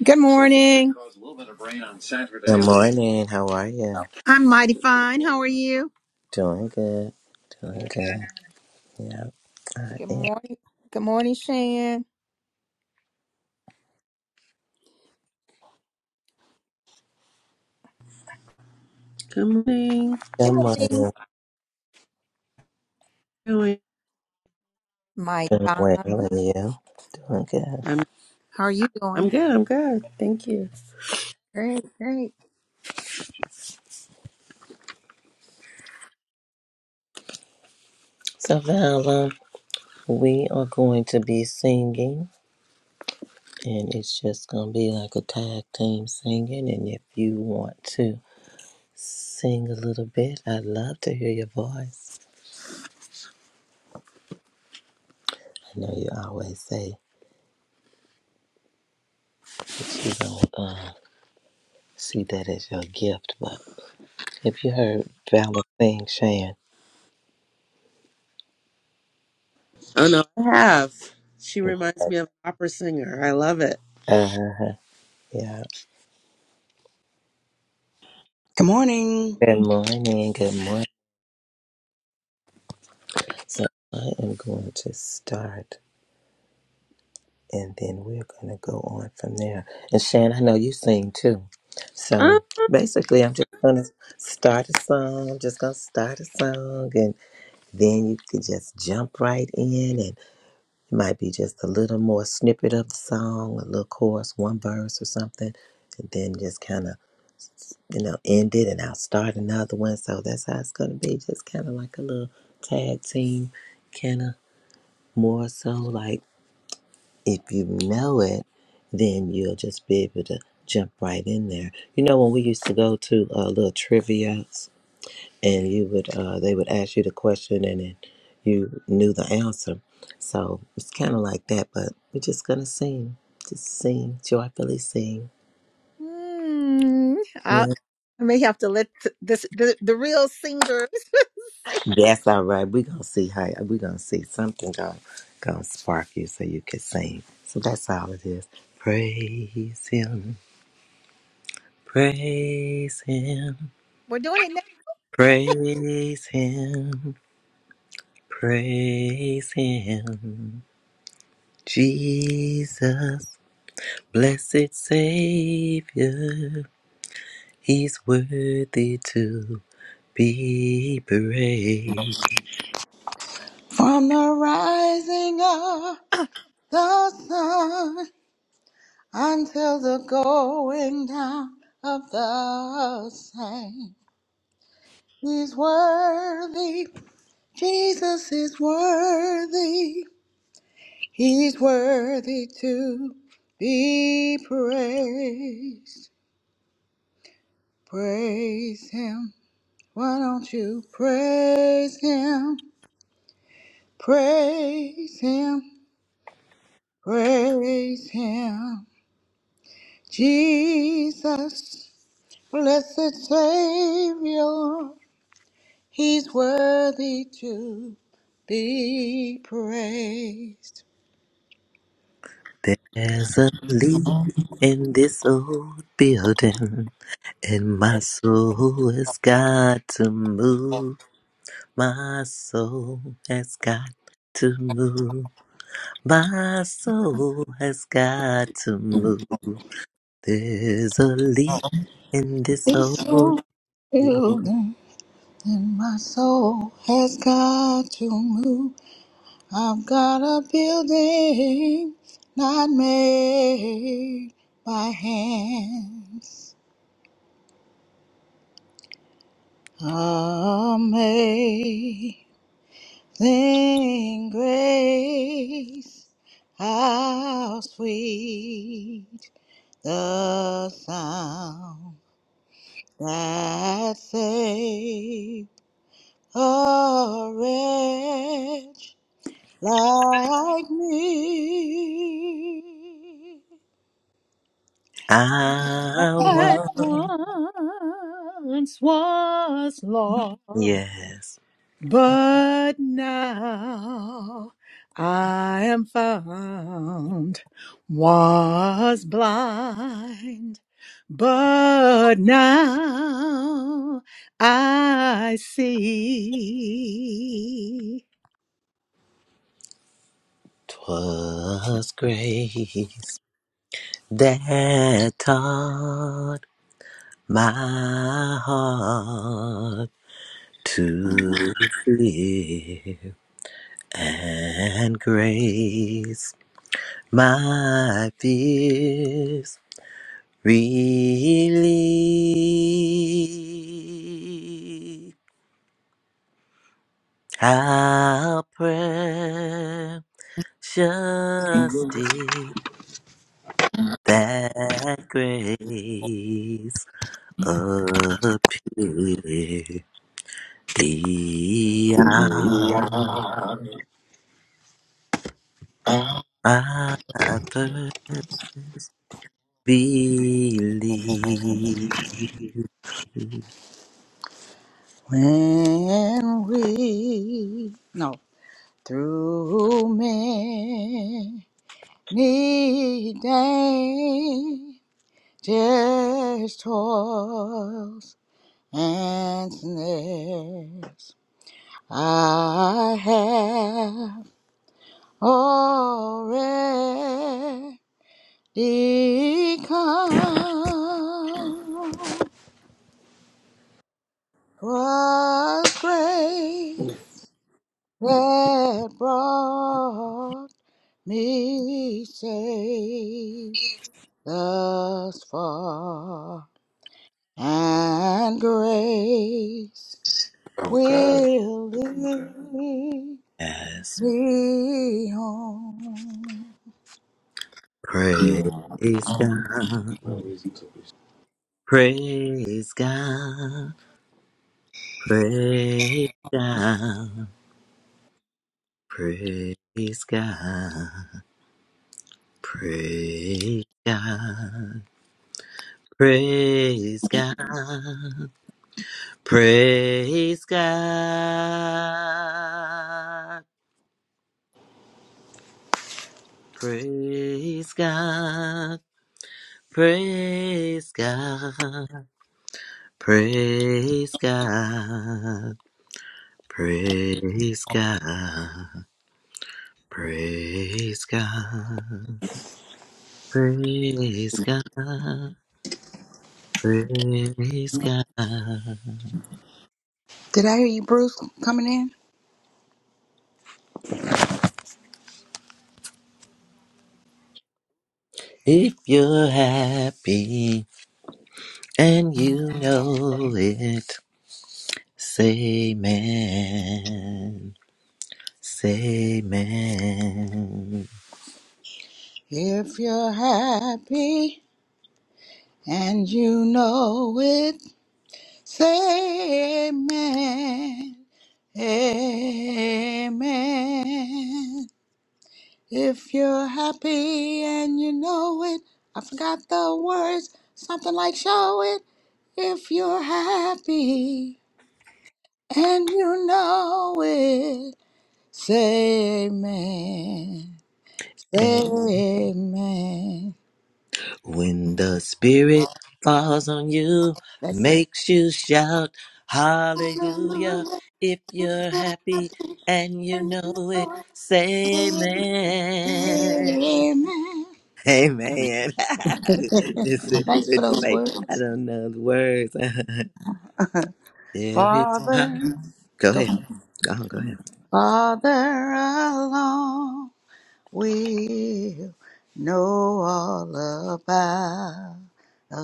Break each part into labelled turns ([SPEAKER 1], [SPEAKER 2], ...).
[SPEAKER 1] Good morning.
[SPEAKER 2] Good morning. How are you?
[SPEAKER 1] I'm mighty fine. How are you?
[SPEAKER 2] Doing good. Doing
[SPEAKER 1] Good.
[SPEAKER 2] good. Yeah, I
[SPEAKER 1] Good
[SPEAKER 2] am.
[SPEAKER 1] morning. Good morning, Shan.
[SPEAKER 3] Good morning.
[SPEAKER 1] Good
[SPEAKER 2] Good
[SPEAKER 1] morning.
[SPEAKER 2] morning.
[SPEAKER 3] How are you?
[SPEAKER 1] Mighty
[SPEAKER 2] Doing
[SPEAKER 1] fine.
[SPEAKER 2] well, and you? Doing good.
[SPEAKER 3] I'm
[SPEAKER 1] How are you doing?
[SPEAKER 3] I'm good. I'm good. Thank you.
[SPEAKER 1] Great, great.
[SPEAKER 2] So, Vala, we are going to be singing, and it's just going to be like a tag team singing. And if you want to sing a little bit, I'd love to hear your voice. I know you always say you don't uh, see that as your gift, but if you heard Vala sing, Shan,
[SPEAKER 3] Oh no, I have. She reminds me of an opera singer. I love it.
[SPEAKER 2] uh, yeah.
[SPEAKER 4] Good morning.
[SPEAKER 2] Good morning. Good morning. So I am going to start and then we're going to go on from there. And Shan, I know you sing too.
[SPEAKER 3] I'm
[SPEAKER 2] So basically, I'm just going to start a song, just going to start a song, and then you can just jump right in. And it might be just a little more snippet of the song, a little chorus, one verse or something, and then just kind of, you know, end it and I'll start another one. So that's how it's going to be, just kind of like a little tag team kind of more so like if you know it then you'll just be able to jump right in there you know when we used to go to uh, little trivia and you would uh, they would ask you the question and then you knew the answer so it's kind of like that but we're just gonna sing just sing joyfully sing
[SPEAKER 1] Hmm. I
[SPEAKER 2] yeah.
[SPEAKER 1] I may have to let th- this the, the real singers say
[SPEAKER 2] that's all right we're gonna see how we're gonna see something gonna, gonna spark you so you can sing so that's all it is praise him Praise Him,
[SPEAKER 1] we're doing it now.
[SPEAKER 2] praise Him, praise Him. Jesus, blessed Savior, He's worthy to be praised.
[SPEAKER 4] From the rising of the sun until the going down of the same. He's worthy. Jesus is worthy. He's worthy to be praised. Praise him. Why don't you praise him? Praise him. Praise him. Jesus, blessed Savior, He's worthy to be praised.
[SPEAKER 2] There's a leak in this old building, and my soul has got to move. My soul has got to move. My soul has got to move. There's a leak in this
[SPEAKER 4] This
[SPEAKER 2] old
[SPEAKER 4] soul
[SPEAKER 2] field.
[SPEAKER 4] building in my soul has got to move. I've got a building not made by hands. Amazing. Sing grace, how sweet the sound that saved a wretch like me.
[SPEAKER 2] I
[SPEAKER 1] I
[SPEAKER 2] want,
[SPEAKER 1] once was lost.
[SPEAKER 2] yes.
[SPEAKER 1] But now I am found, was blind, but now I see.
[SPEAKER 2] 'Twas grace that taught my heart to live, and grace my fears we Really, how precious did that grace appear, the hour I first believed.
[SPEAKER 4] When we, no, through many dangers Just toils and snares I have already come. 'Twas grace that brought me safe thus far, and grace
[SPEAKER 5] Oh God,
[SPEAKER 4] will lead
[SPEAKER 2] Yes,
[SPEAKER 4] me home.
[SPEAKER 2] praise God.
[SPEAKER 5] no reason to be.
[SPEAKER 2] Praise God, praise God, praise God, praise God, praise God, praise God, praise God, praise God, praise God, praise God, praise God. Praise God. Praise God.
[SPEAKER 4] Did I hear you, Bruce, coming in?
[SPEAKER 2] If you're happy and you know it, say man. Say man.
[SPEAKER 4] If you're happy and you know it, say amen. Amen. If you're happy and you know it, I forgot the words, something like show it. If you're happy And you know it. Say amen. Say amen.
[SPEAKER 2] When the Spirit falls on you,
[SPEAKER 4] That's it.
[SPEAKER 2] makes you shout, Hallelujah.
[SPEAKER 4] Hallelujah.
[SPEAKER 2] If you're happy and you
[SPEAKER 4] And
[SPEAKER 2] know
[SPEAKER 4] you
[SPEAKER 2] it,
[SPEAKER 4] know
[SPEAKER 2] say
[SPEAKER 4] it.
[SPEAKER 2] amen.
[SPEAKER 4] Say Amen.
[SPEAKER 2] Hey man, just,
[SPEAKER 4] Thanks for
[SPEAKER 2] just to
[SPEAKER 4] those
[SPEAKER 2] say I
[SPEAKER 4] words.
[SPEAKER 2] don't know the words. there is power.
[SPEAKER 4] Father,
[SPEAKER 2] Go
[SPEAKER 4] go.
[SPEAKER 2] ahead, go on, go ahead.
[SPEAKER 4] Father alone will know all about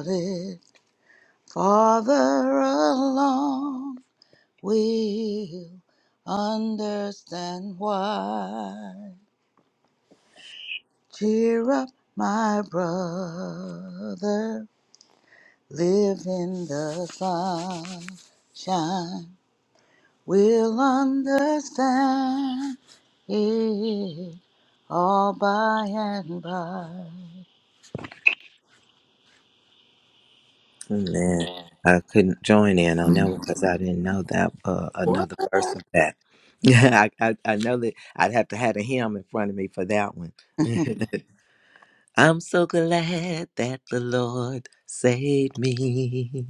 [SPEAKER 4] it. Father alone will understand why. Cheer up, my brother, live in the sunshine. We'll understand it all by and by.
[SPEAKER 2] Man, I couldn't join in on that one because I didn't know that uh, another verse of that. Yeah, I, I I know that I'd have to have a hymn in front of me for that one. I'm so glad that the Lord saved me.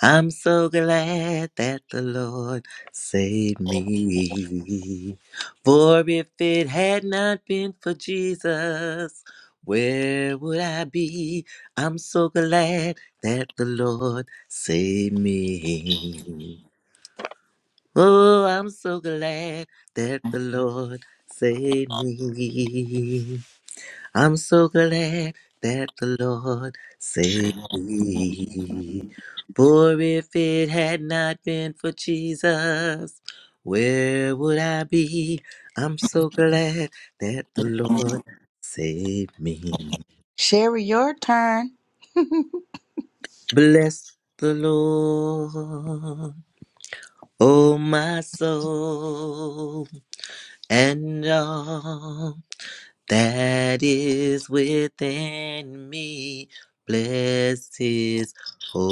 [SPEAKER 2] I'm so glad that the Lord saved me. For if it had not been for Jesus, where would I be? I'm so glad that the Lord saved me. Oh, I'm so glad that the Lord saved me. I'm so glad that the Lord saved me. For if it had not been for Jesus, where would I be? I'm so glad that the Lord saved me.
[SPEAKER 4] Sherry, your turn.
[SPEAKER 2] Bless the Lord, oh my soul, and all that is within me. Bless his holy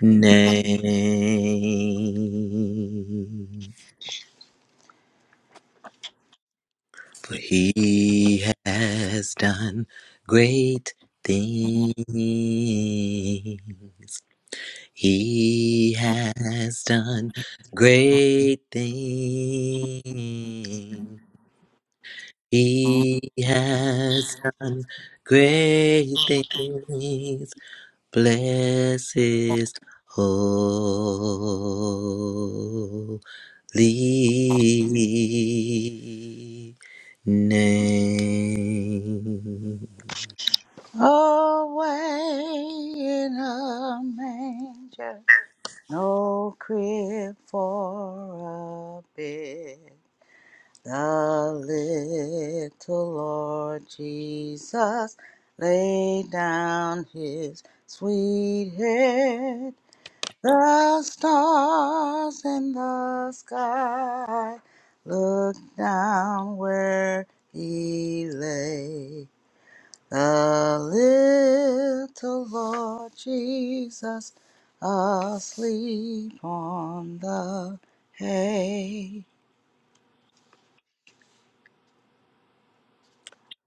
[SPEAKER 2] name. For he has done great things. He has done great things. He has done great things. Bless his holy name.
[SPEAKER 4] Away in a manger. No crib for a bed. The little Lord Jesus laid down his sweet head. The stars in the sky looked down where he lay. The little Lord Jesus asleep on the hay.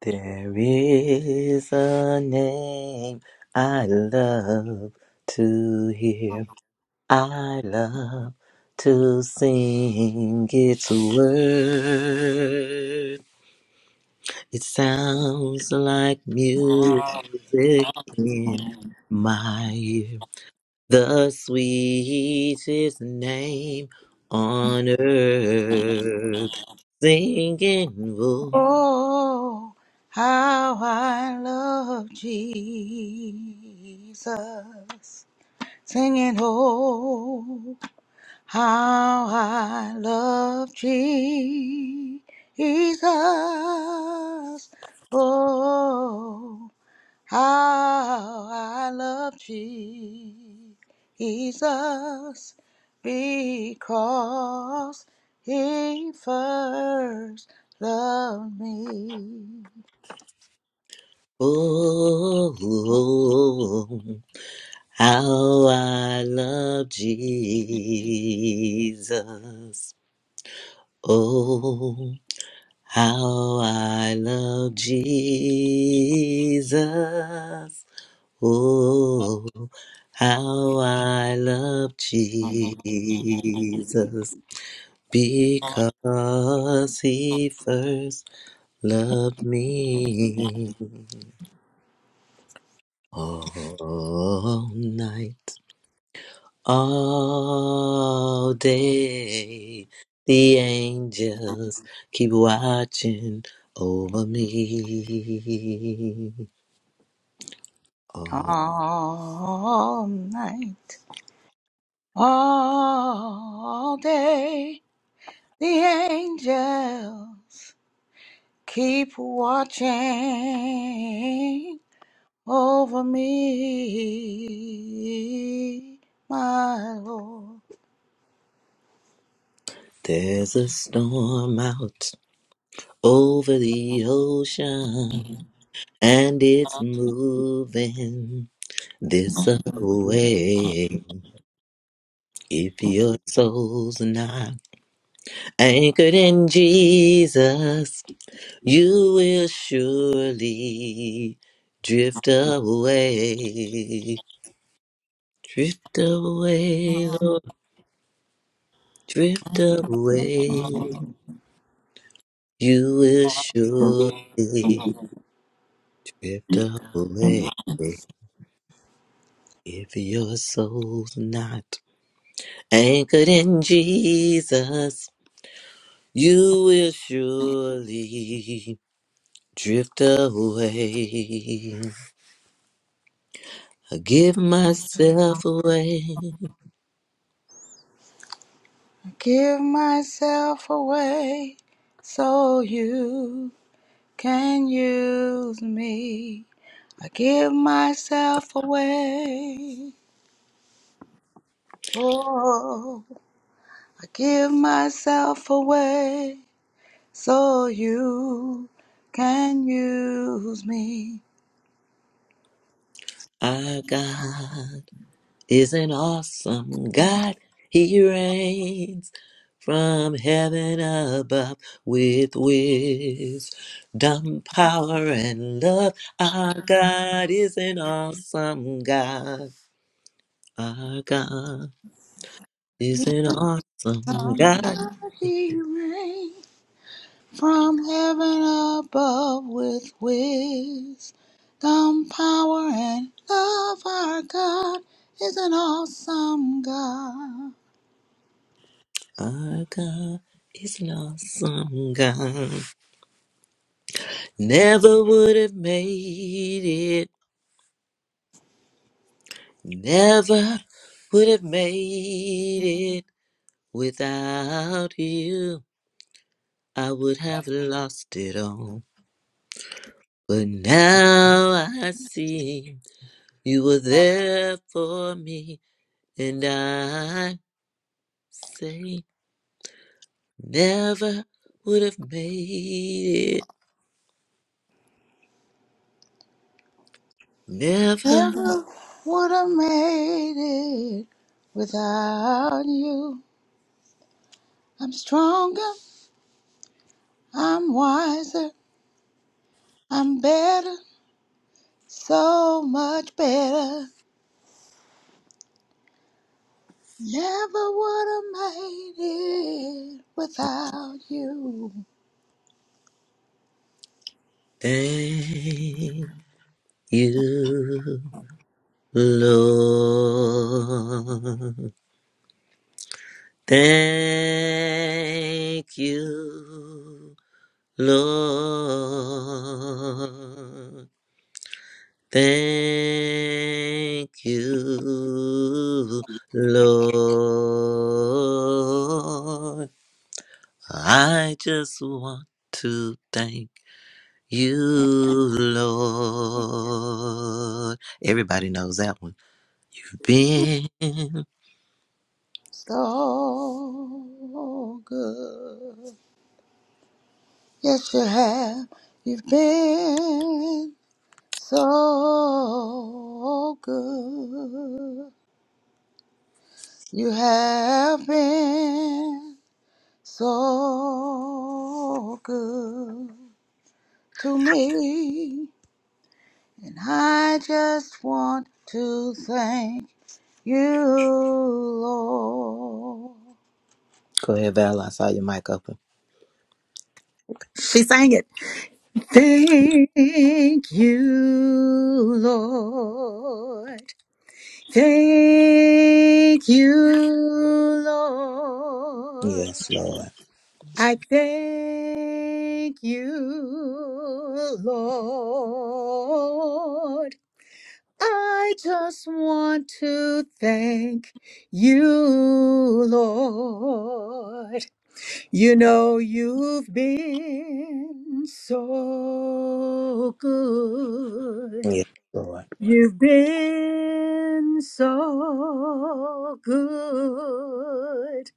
[SPEAKER 2] There is a name I love to hear. I love to sing its word. It sounds like music in my ear. The sweetest name on earth. Singing, oh,
[SPEAKER 4] Oh, how I love Jesus. Singing, oh, how I love Jesus. Oh, How I love Jesus because he first loved me.
[SPEAKER 2] oh, oh, how I love Jesus. Oh. How I love Jesus. Oh, how I love Jesus. Because he first loved me all night, all day. The angels keep watching over me.
[SPEAKER 4] All night, all day, the angels keep watching over me, my Lord.
[SPEAKER 2] There's a storm out over the ocean and it's moving this away. If your soul's not anchored in Jesus, you will surely drift away. Drift away, Lord, drift away. You will surely drift away. If your soul's not anchored in Jesus, you will surely drift away. I give myself away.
[SPEAKER 4] Give myself away so you can use me. I give myself away. Oh, I give myself away so you can use me.
[SPEAKER 2] Our God is an awesome God. He reigns from heaven above with wisdom, power, and love. Our God is an awesome God. Our God is an awesome God.
[SPEAKER 4] He rain from heaven above with wisdom, power, and love. Our God is an awesome God.
[SPEAKER 2] Our God is an awesome God. Never would have made it. Never would have made it without you. I would have lost it all. But now I see you were there for me. And I say, never would have made Never
[SPEAKER 4] Never would have made it without you. I'm stronger, I'm wiser, I'm better, so much better. Never would have made it without you.
[SPEAKER 2] thank you, Lord. Thank you, Lord. Thank you, Lord. I just want to thank You, Lord. Everybody knows that one. You've been.
[SPEAKER 4] So good. Yes, you have. You've been so good. You have been so good to me. And I just want to thank. you, Lord.
[SPEAKER 2] Go ahead, Val. I saw your mic open.
[SPEAKER 1] She sang it. Thank you, Lord. Thank you, Lord.
[SPEAKER 2] Yes, Lord.
[SPEAKER 1] I thank you, Lord. I just want to thank you, Lord. You know, you've been so good.
[SPEAKER 2] Yes, Lord.
[SPEAKER 1] You've been so good.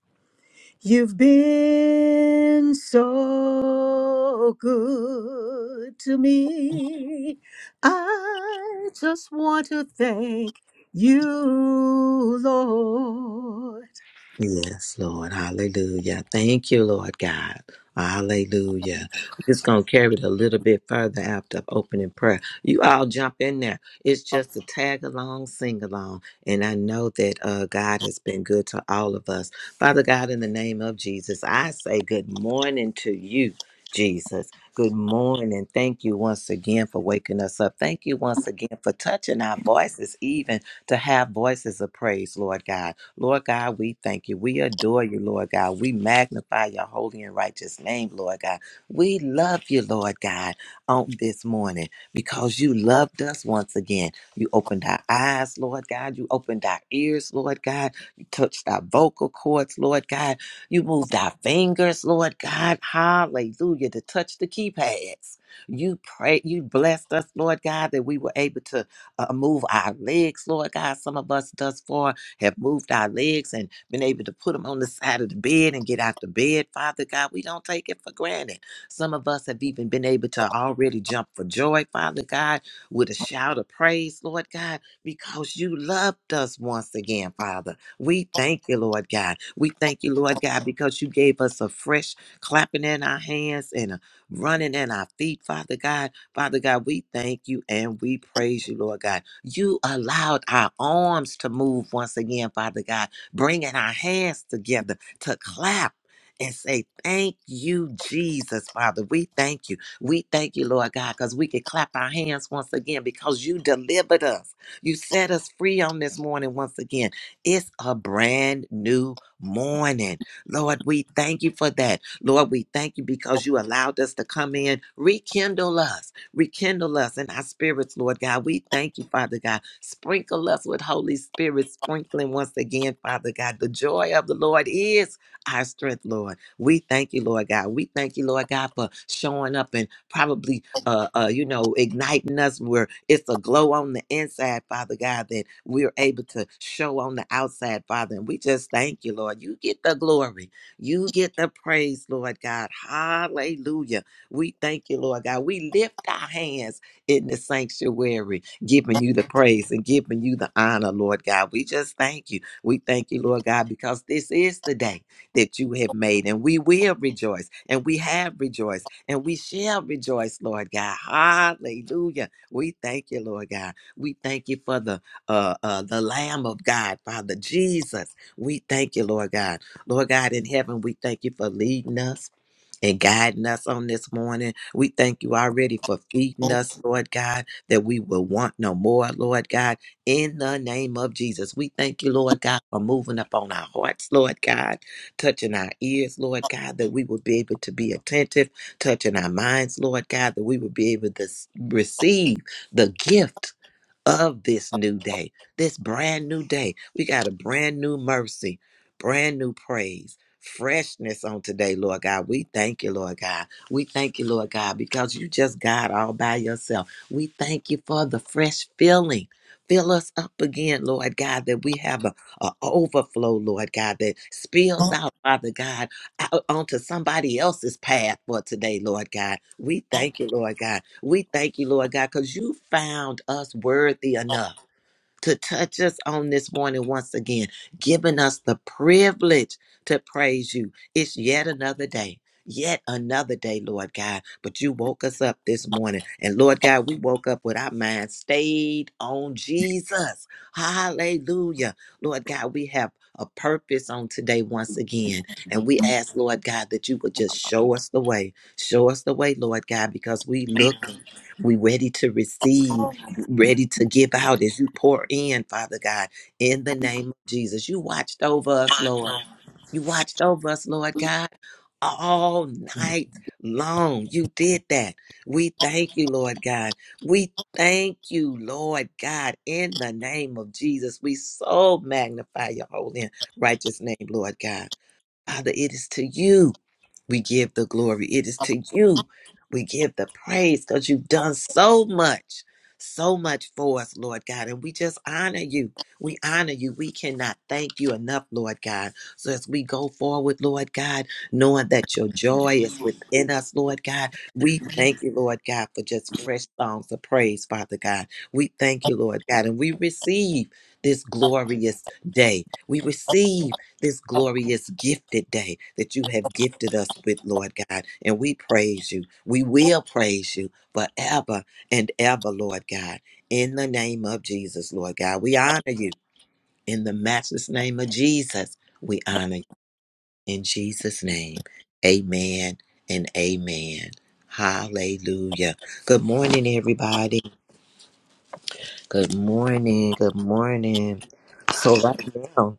[SPEAKER 1] You've been so good to me. I just want to thank you, Lord.
[SPEAKER 2] Yes, Lord. Hallelujah. Thank you, Lord God. Hallelujah. We're just going to carry it a little bit further after opening prayer. You all jump in there. It's just a tag along, sing along. And I know that uh, God has been good to all of us. Father God, in the name of Jesus, I say good morning to you. Jesus. Good morning. Thank you once again for waking us up. Thank you once again for touching our voices, even to have voices of praise, Lord God. Lord God, we thank you. We adore you, Lord God. We magnify your holy and righteous name, Lord God. We love you, Lord God, on this morning because you loved us once again. You opened our eyes, Lord God. You opened our ears, Lord God. You touched our vocal cords, Lord God. You moved our fingers, Lord God. Hallelujah. To touch the keypads. You pray, you blessed us, Lord God, that we were able to uh, move our legs, Lord God. Some of us thus far have moved our legs and been able to put them on the side of the bed and get out the bed. Father God, we don't take it for granted. Some of us have even been able to already jump for joy, Father God, with a shout of praise, Lord God, because you loved us once again, Father. We thank you, Lord God. We thank you, Lord God, because you gave us a fresh clapping in our hands and a running in our feet, Father God. Father God, we thank you and we praise you, Lord God. You allowed our arms to move once again, Father God, bringing our hands together to clap. And say, thank you, Jesus, Father. We thank you. We thank you, Lord God, because we could clap our hands once again because you delivered us. You set us free on this morning once again. It's a brand new morning. Lord, we thank you for that. Lord, we thank you because you allowed us to come in, rekindle us. Rekindle us in our spirits, Lord God. We thank you, Father God. Sprinkle us with Holy Spirit, sprinkling once again, Father God. The joy of the Lord is our strength, Lord. We thank you, Lord God. We thank you, Lord God, for showing up and probably, uh, uh, you know, igniting us where it's a glow on the inside, Father God, that we're able to show on the outside, Father. And we just thank you, Lord. You get the glory. You get the praise, Lord God. Hallelujah. We thank you, Lord God. We lift our hands in the sanctuary, giving you the praise and giving you the honor, Lord God. We just thank you. We thank you, Lord God, because this is the day that you have made, and we will rejoice, and we have rejoiced, and we shall rejoice, Lord God. Hallelujah. We thank you, Lord God. We thank you for the uh, uh, the Lamb of God, Father Jesus. We thank you, Lord God. Lord God in heaven, we thank you for leading us and guiding us on this morning. We thank you already for feeding us, Lord God, that we will want no more, Lord God, in the name of Jesus. We thank you, Lord God, for moving up on our hearts, Lord God, touching our ears, Lord God, that we will be able to be attentive, touching our minds, Lord God, that we will be able to s- receive the gift of this new day, this brand new day. We got a brand new mercy, brand new praise, freshness on today, Lord God. We thank you, Lord God. We thank you, Lord God, because you just God all by yourself. We thank you for the fresh filling. Fill us up again, Lord God, that we have a, a overflow, Lord God, that spills out, Father God, out onto somebody else's path for today, Lord God. We thank you, Lord God. We thank you, Lord God, because you found us worthy enough to touch us on this morning once again, giving us the privilege to praise you. It's yet another day. Yet another day, Lord God. But you woke us up this morning. And Lord God, we woke up with our minds stayed on Jesus. Hallelujah. Lord God, we have a purpose on today once again. And we ask, Lord God, that you would just show us the way. Show us the way, Lord God, because we look, we ready to receive ready to give out as you pour in, Father God, in the name of Jesus. You watched over us, Lord. You watched over us, Lord God, all night long. You did that. We thank you, Lord God. We thank you, Lord God, in the name of Jesus. We so magnify your holy and righteous name, Lord God. Father, it is to you we give the glory. It is to you we give the praise because you've done so much, so much for us, Lord God. And we just honor you. We honor you. We cannot thank you enough, Lord God. So as we go forward, Lord God, knowing that your joy is within us, Lord God, we thank you, Lord God, for just fresh songs of praise, Father God. We thank you, Lord God. And we receive this glorious day. We receive this glorious gifted day that you have gifted us with, Lord God. And we praise you. We will praise you forever and ever, Lord God. In the name of Jesus, Lord God, we honor you. In the matchless name of Jesus, we honor you. In Jesus' name, amen and amen. Hallelujah. Good morning, everybody. Good morning. Good morning. So, right now,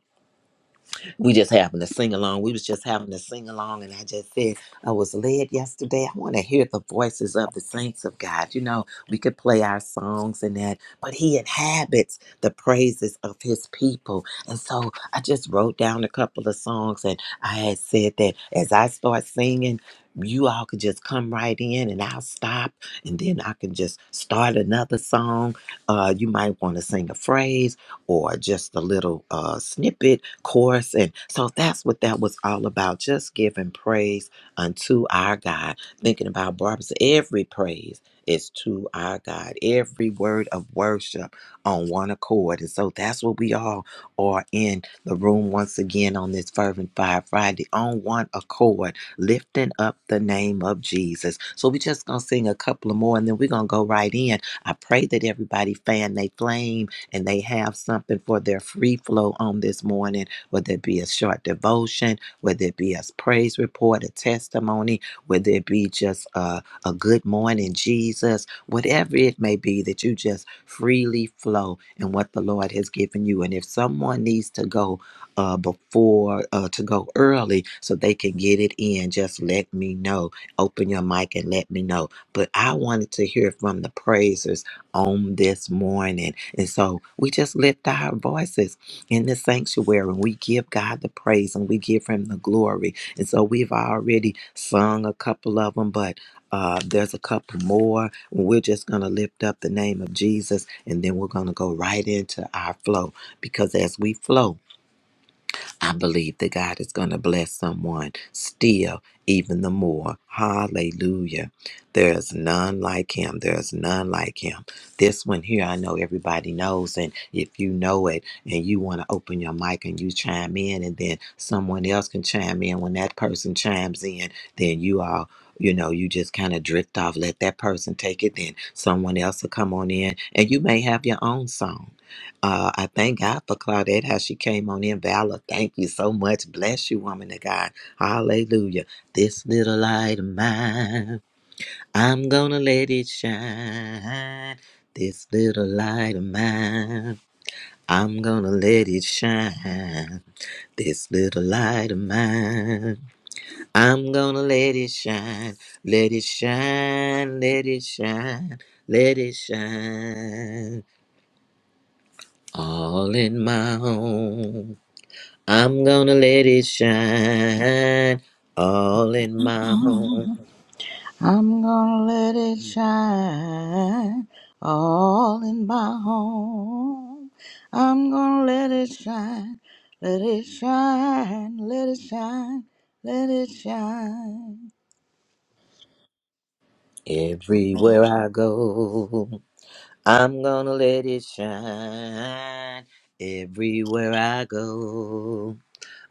[SPEAKER 2] we just happened to sing along. We was just having to sing along, and I just said I was led yesterday. I want to hear the voices of the saints of God. You know, we could play our songs and that, but He inhabits the praises of His people. And so I just wrote down a couple of songs, and I had said that as I start singing. You all could just come right in and I'll stop, and then I can just start another song. Uh, you might want to sing a phrase or just a little uh, snippet course. And so that's what that was all about just giving praise unto our God. Thinking about Barbara, so every praise is to our God, every word of worship on one accord. And so that's what we all are in the room once again on this Fervent Fire Friday on one accord, lifting up the name of Jesus. So we're just going to sing a couple of more and then we're going to go right in. I pray that everybody fan they flame and they have something for their free flow on this morning whether it be a short devotion, whether it be a praise report, a testimony, whether it be just a, a good morning, Jesus, whatever it may be, that you just freely flow in what the Lord has given you. And if someone needs to go uh, before, uh, to go early so they can get it in, just let me know. Open your mic and let me know. But I wanted to hear from the praisers on this morning. And so we just lift our voices in the sanctuary and we give God the praise and we give him the glory. And so we've already sung a couple of them, but uh, there's a couple more. We're just going to lift up the name of Jesus and then we're going to go right into our flow because as we flow, I believe that God is going to bless someone still, even the more. Hallelujah. There is none like him. There is none like him. This one here, I know everybody knows. And if you know it and you want to open your mic and you chime in, and then someone else can chime in, when that person chimes in, then you all. You know, you just kind of drift off, let that person take it, then someone else will come on in, and you may have your own song. Uh, I thank God for Claudette, how she came on in. Valor, thank you so much. Bless you, woman of God. Hallelujah. This little light of mine, I'm going to let it shine. This little light of mine, I'm going to let it shine. This little light of mine, I'm going to let it shine. Let it shine, let it shine, let it shine. All in my home. I'm gonna let it shine all in my home,
[SPEAKER 4] I'm gonna let it shine all in my home. I'm gonna let it shine, let it shine, let it shine, let it shine.
[SPEAKER 2] everywhere I go. I'm gonna let it shine everywhere I go.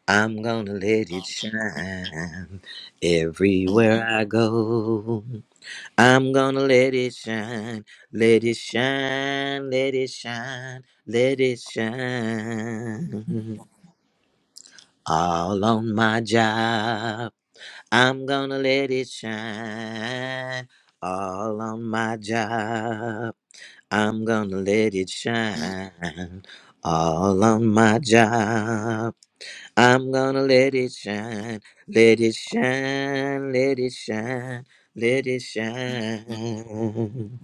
[SPEAKER 2] I'm gonna let it shine everywhere I go. I'm gonna let it shine, let it shine, let it shine, let it shine all on my job. I'm gonna let it shine all on my job. I'm gonna let it shine all on my job. I'm gonna let it shine, let it shine, let it shine, let it shine.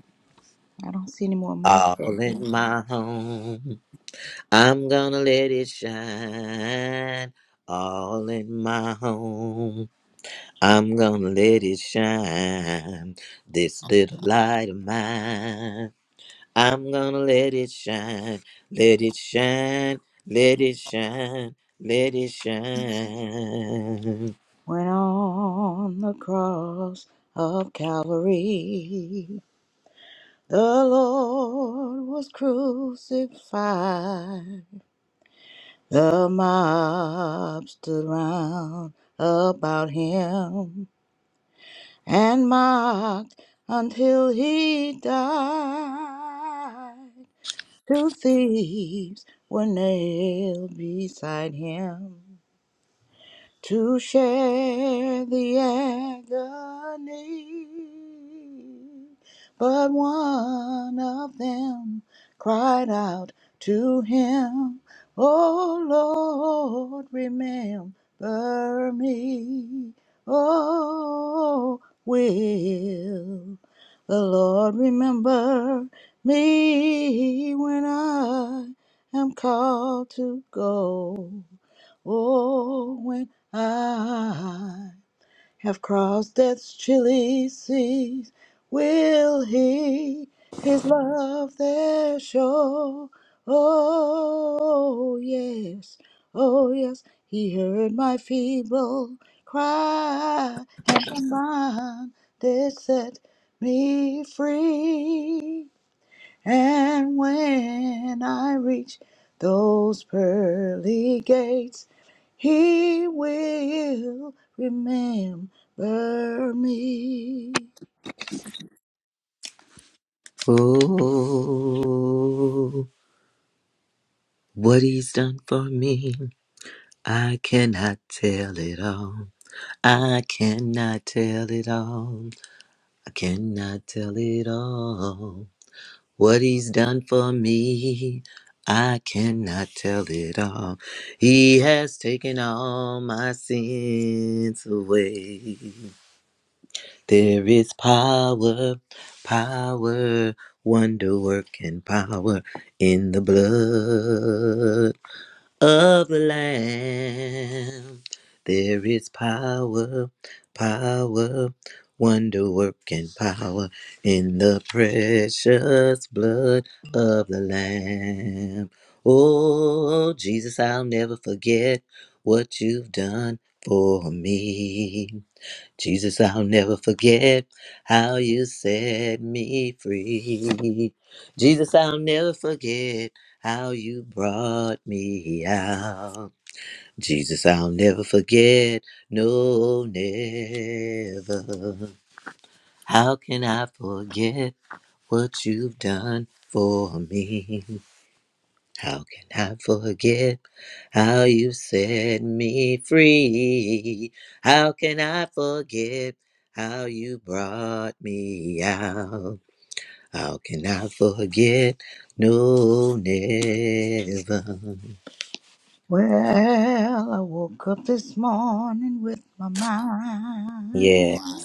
[SPEAKER 4] I don't see any more mics
[SPEAKER 2] All in
[SPEAKER 4] open.
[SPEAKER 2] my home. I'm gonna let it shine all in my home. I'm gonna let it shine, this little light of mine. I'm gonna let it shine, let it shine, let it shine, let it shine.
[SPEAKER 4] When on the cross of Calvary, The Lord was crucified. The mob stood round about him and mocked until he died. Two thieves were nailed beside him. to share the agony. But one of them cried out to him, "O Lord, remember me. Oh, will the Lord remember me when I am called to go? Oh, when. I have crossed death's chilly seas. Will he his love there show? Oh, yes, oh, yes. He heard my feeble cry, and from bondage set me free. And when I reach those pearly gates, he will remember me.
[SPEAKER 2] Oh, what he's done for me, I cannot tell it all. I cannot tell it all. I cannot tell it all. What he's done for me, I cannot tell it all. He has taken all my sins away. There is power, power, wonder working power in the blood of the Lamb. There is power, power, wonder working power in the precious blood of the Lamb. Oh, Jesus, I'll never forget what you've done for me. Jesus, I'll never forget how you set me free. Jesus, I'll never forget how you brought me out. Jesus, I'll never forget, no, never. How can I forget what you've done for me? How can I forget how you set me free? How can I forget how you brought me out? How can I forget? No, never.
[SPEAKER 4] Well, I woke up this morning with my
[SPEAKER 2] Yeah,
[SPEAKER 4] mind.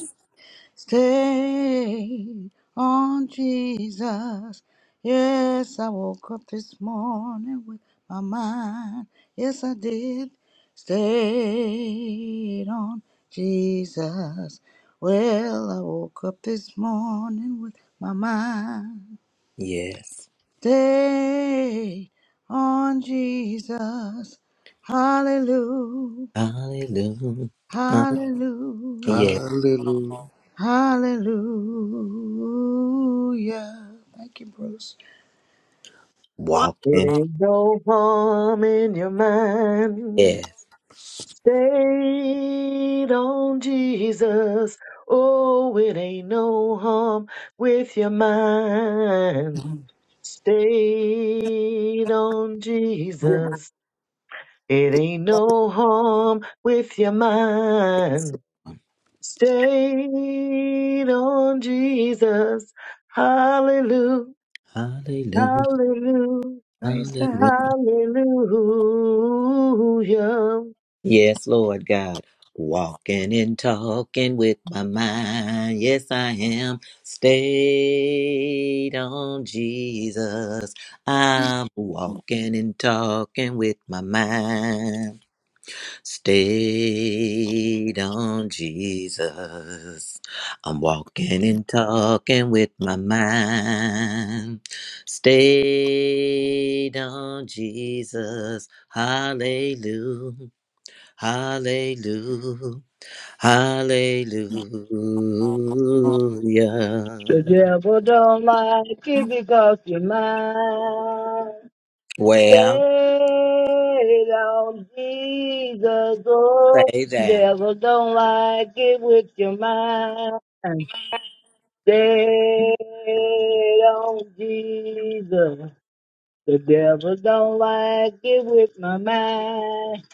[SPEAKER 4] Stay on Jesus. Yes, I woke up this morning with my mind. Yes, I did. Stayed on Jesus. Well, I woke up this morning with my mind.
[SPEAKER 2] yes.
[SPEAKER 4] Stay on Jesus. Hallelujah.
[SPEAKER 2] Hallelujah. Uh,
[SPEAKER 4] Hallelujah.
[SPEAKER 2] yeah.
[SPEAKER 4] Hallelujah. Thank you, Bruce.
[SPEAKER 3] walking
[SPEAKER 6] It
[SPEAKER 2] Walking.
[SPEAKER 6] ain't no harm in your mind.
[SPEAKER 2] Yes.
[SPEAKER 6] Stayed on Jesus. Oh, it ain't no harm with your mind. Stayed on Jesus. It ain't no harm with your mind. Stayed on Jesus. Hallelujah.
[SPEAKER 2] Hallelujah.
[SPEAKER 6] Hallelujah.
[SPEAKER 4] Praise
[SPEAKER 2] Hallelujah.
[SPEAKER 4] God.
[SPEAKER 6] Hallelujah.
[SPEAKER 2] Yes, Lord God. Walking and talking with my mind. Yes, I am. Stayed on Jesus. I'm walking and talking with my mind. Stayed on Jesus. I'm walking and talking with my mind. Stayed on Jesus. Hallelujah. Hallelujah. Hallelujah.
[SPEAKER 7] The devil don't like it because you're mine.
[SPEAKER 2] Well,
[SPEAKER 7] Say on Jesus, oh,
[SPEAKER 2] say that.
[SPEAKER 7] devil don't like it with your mind. Say on Jesus, the devil don't like it with my mind.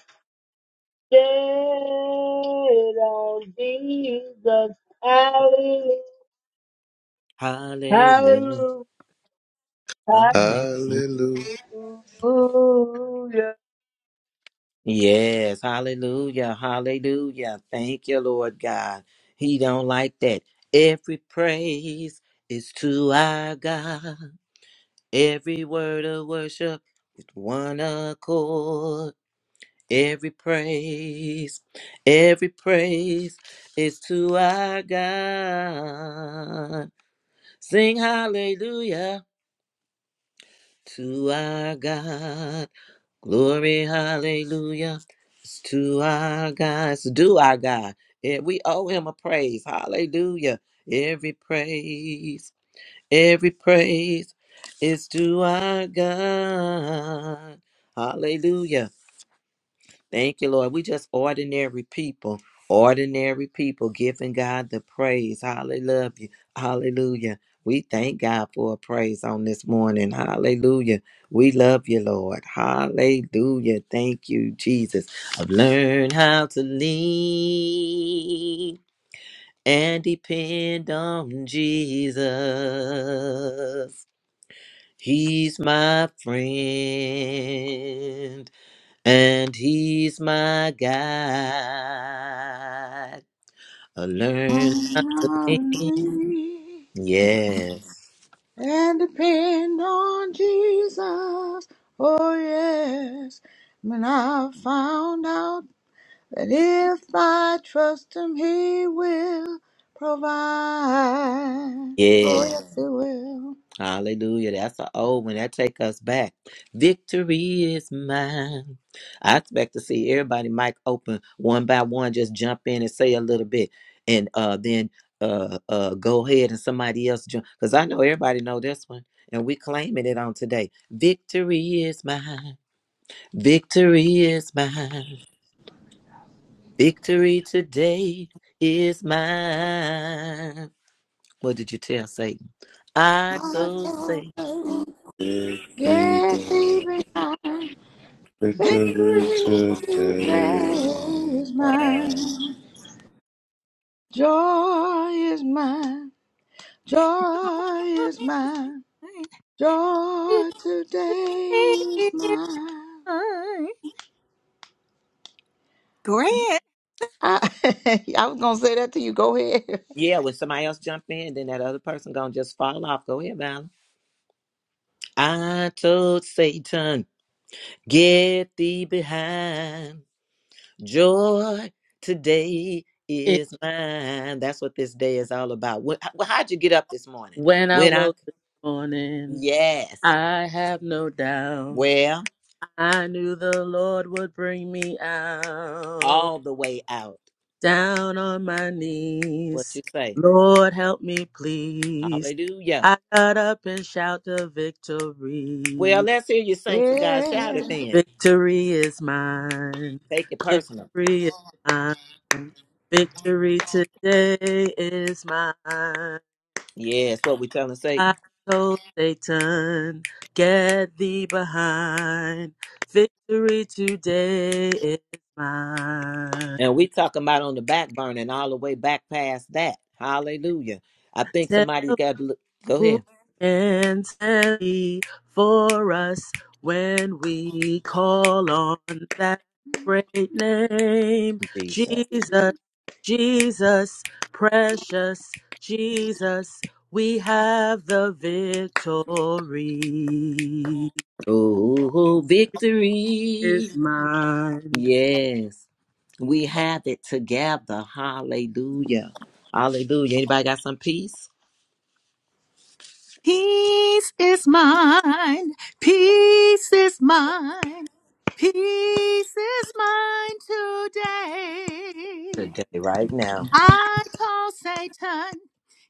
[SPEAKER 7] Say on Jesus, hallelujah,
[SPEAKER 2] Hallelujah.
[SPEAKER 7] hallelujah,
[SPEAKER 2] Hallelujah.
[SPEAKER 5] Hallelujah.
[SPEAKER 7] Hallelujah.
[SPEAKER 2] Yes, hallelujah, hallelujah. Thank you, Lord God. He don't like that. Every praise is to our God. Every word of worship with one accord. Every praise, every praise is to our God. Sing hallelujah to our God. Glory, hallelujah. It's to our God. It's due our God. And we owe him a praise. Hallelujah. Every praise, every praise is to our God. Hallelujah. Thank you, Lord. We just ordinary people, ordinary people giving God the praise. Hallelujah. Hallelujah. We thank God for a praise on this morning. Hallelujah. We love you, Lord. Hallelujah. Thank you, Jesus. I've learned how to lean and depend on Jesus. He's my friend and he's my guide. I learn how
[SPEAKER 4] Hallelujah.
[SPEAKER 2] to lean. Yes,
[SPEAKER 4] And depend on Jesus. Oh, yes. When I found out that if I trust Him, He will provide. Oh,
[SPEAKER 2] yeah.
[SPEAKER 4] yes, He will.
[SPEAKER 2] Hallelujah. That's an old one. That take us back. Victory is mine. I expect to see everybody mic open one by one, just jump in and say a little bit and uh then uh uh go ahead and somebody else jump because I know everybody know this one and we claiming it on today. Victory is mine. Victory is mine. Victory today is mine. What did you tell Satan? I
[SPEAKER 4] I
[SPEAKER 2] told
[SPEAKER 4] can't
[SPEAKER 2] Satan.
[SPEAKER 4] wait.
[SPEAKER 5] Fifty
[SPEAKER 4] get thee
[SPEAKER 5] down,
[SPEAKER 4] behind.
[SPEAKER 1] Victory,
[SPEAKER 5] victory
[SPEAKER 4] Victory
[SPEAKER 5] today
[SPEAKER 4] today
[SPEAKER 5] in
[SPEAKER 4] is mine.
[SPEAKER 5] life.
[SPEAKER 4] Joy is mine. Joy is mine. Joy today is mine. I, I was gonna say that to you. Go ahead.
[SPEAKER 2] Yeah, when somebody else jump in, then that other person gonna just fall off. Go ahead, Val. I told Satan, get thee behind. Joy today is mine. That's what this day is all about. What, how- how'd you get up this morning?
[SPEAKER 3] when I
[SPEAKER 2] When I,
[SPEAKER 3] woke this morning.
[SPEAKER 2] yes,
[SPEAKER 3] I have no doubt.
[SPEAKER 2] well,
[SPEAKER 3] I knew the Lord would bring me out.
[SPEAKER 2] all the way out.
[SPEAKER 3] Down on my
[SPEAKER 2] What you
[SPEAKER 3] knees.
[SPEAKER 2] say?
[SPEAKER 3] Lord, help me, please.
[SPEAKER 2] Hallelujah.
[SPEAKER 3] I got up and shout the victory.
[SPEAKER 2] Well, let's hear you saints of God shout it then.
[SPEAKER 3] Victory is mine.
[SPEAKER 2] Take it personal.
[SPEAKER 3] Victory is mine. Victory today is mine.
[SPEAKER 2] Yes, what we telling
[SPEAKER 3] I
[SPEAKER 2] Satan.
[SPEAKER 3] told Satan, get thee behind. Victory today is mine.
[SPEAKER 2] And we talking about on the back burner and all the way back past that. Hallelujah. I think somebody got to look. Go ahead.
[SPEAKER 3] who can stand for us when we call on that great name?
[SPEAKER 2] Jesus.
[SPEAKER 3] Jesus, Jesus, precious Jesus, we have the victory
[SPEAKER 2] Oh, victory.
[SPEAKER 3] is mine.
[SPEAKER 2] Yes. We have it together. Hallelujah. Hallelujah. Anybody got some peace?
[SPEAKER 1] peace is mine. Peace is mine. Peace is mine today.
[SPEAKER 2] Today, right now.
[SPEAKER 1] I call Satan,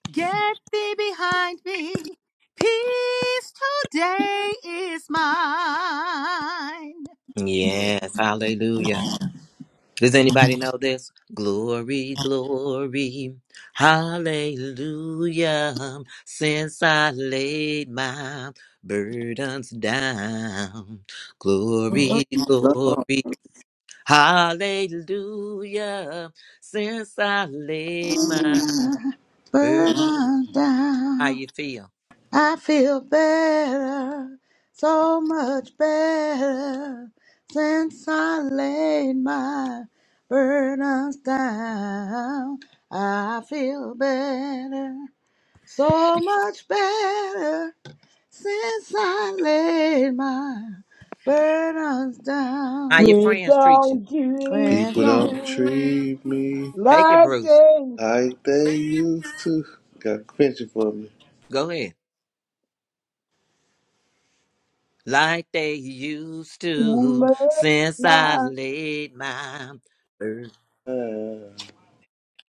[SPEAKER 1] get thee behind me. Peace today is mine.
[SPEAKER 2] Yes. Hallelujah. Does anybody know this? Glory, glory, hallelujah. Since I laid my burdens down. Glory, glory, hallelujah. Since I laid my
[SPEAKER 4] Yeah.
[SPEAKER 2] burden.
[SPEAKER 4] Burden
[SPEAKER 2] How
[SPEAKER 4] down.
[SPEAKER 2] you feel?
[SPEAKER 4] I feel better, so much better, since I laid my burdens down. I feel better, so much better, since I laid my burdens
[SPEAKER 2] How
[SPEAKER 4] down.
[SPEAKER 2] your
[SPEAKER 7] We
[SPEAKER 2] friends treat you?
[SPEAKER 7] long to
[SPEAKER 4] Friends
[SPEAKER 5] People don't
[SPEAKER 4] don't
[SPEAKER 7] do
[SPEAKER 5] treat me
[SPEAKER 2] Take it,
[SPEAKER 7] like
[SPEAKER 2] Bruce.
[SPEAKER 7] a
[SPEAKER 5] like they used to. Got quenching for me.
[SPEAKER 2] Go ahead. Like they used to
[SPEAKER 7] woman
[SPEAKER 2] since I laid my burden.
[SPEAKER 5] Ah,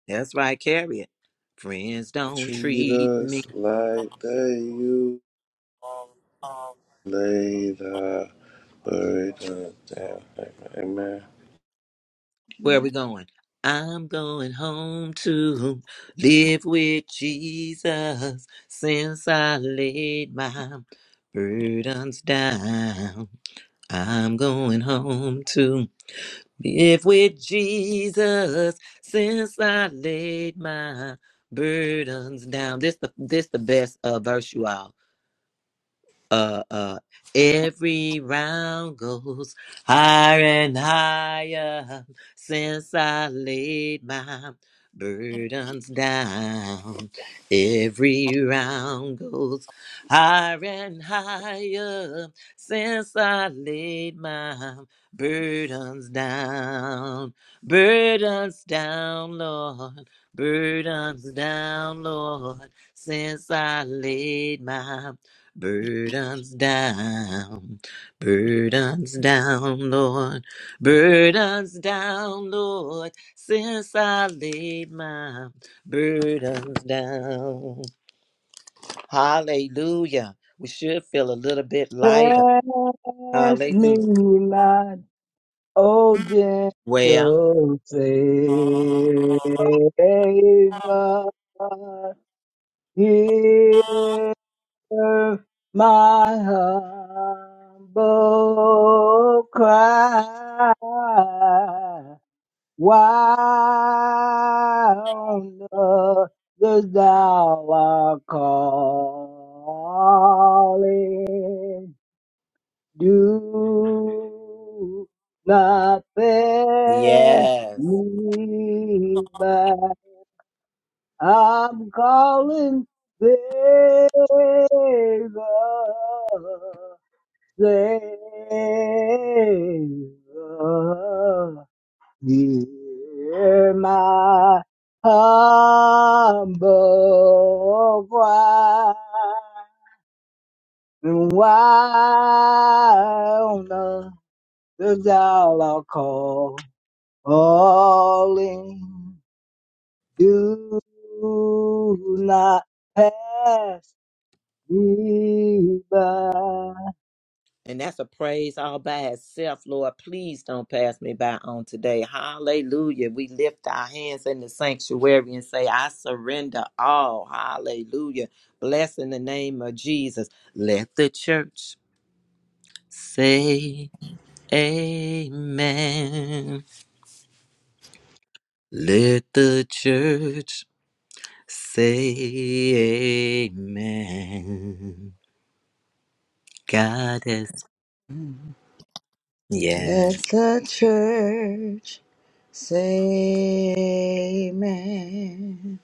[SPEAKER 2] That's right, carry it. Friends don't
[SPEAKER 5] treat
[SPEAKER 2] treat me.
[SPEAKER 5] us like they used to. Lay the burden down. Amen.
[SPEAKER 2] Where are we going? I'm going home to live with Jesus since I laid my burdens down. I'm going home to live with Jesus since I laid my burdens down. This the this the best uh, verse you all. uh uh every round goes higher and higher since I laid my burdens down. Every round goes higher and higher since I laid my burdens down. Burdens down, Lord. Burdens down, Lord, since I laid my Burdens down, burdens down, Lord, burdens down, Lord, since I laid my burdens down. Hallelujah. We should feel a little bit lighter.
[SPEAKER 7] pass me
[SPEAKER 2] Hallelujah.
[SPEAKER 7] not, oh
[SPEAKER 2] Well,
[SPEAKER 7] gentle Savior. Hear my humble cry. Why on earth dost thou art calling? Do not pass
[SPEAKER 2] yes.
[SPEAKER 7] me by. I'm calling favor, favor. Hear my humble cry, and why on earth does thou not call calling? Do not pass me by.
[SPEAKER 2] And that's a praise all by itself, Lord. Please don't pass me by on today. Hallelujah. We lift our hands in the sanctuary and say, I surrender all. Hallelujah. Bless in the name of Jesus. Let the church say, Amen. Let the church say, Amen. God is, yes,
[SPEAKER 4] Let the church say amen.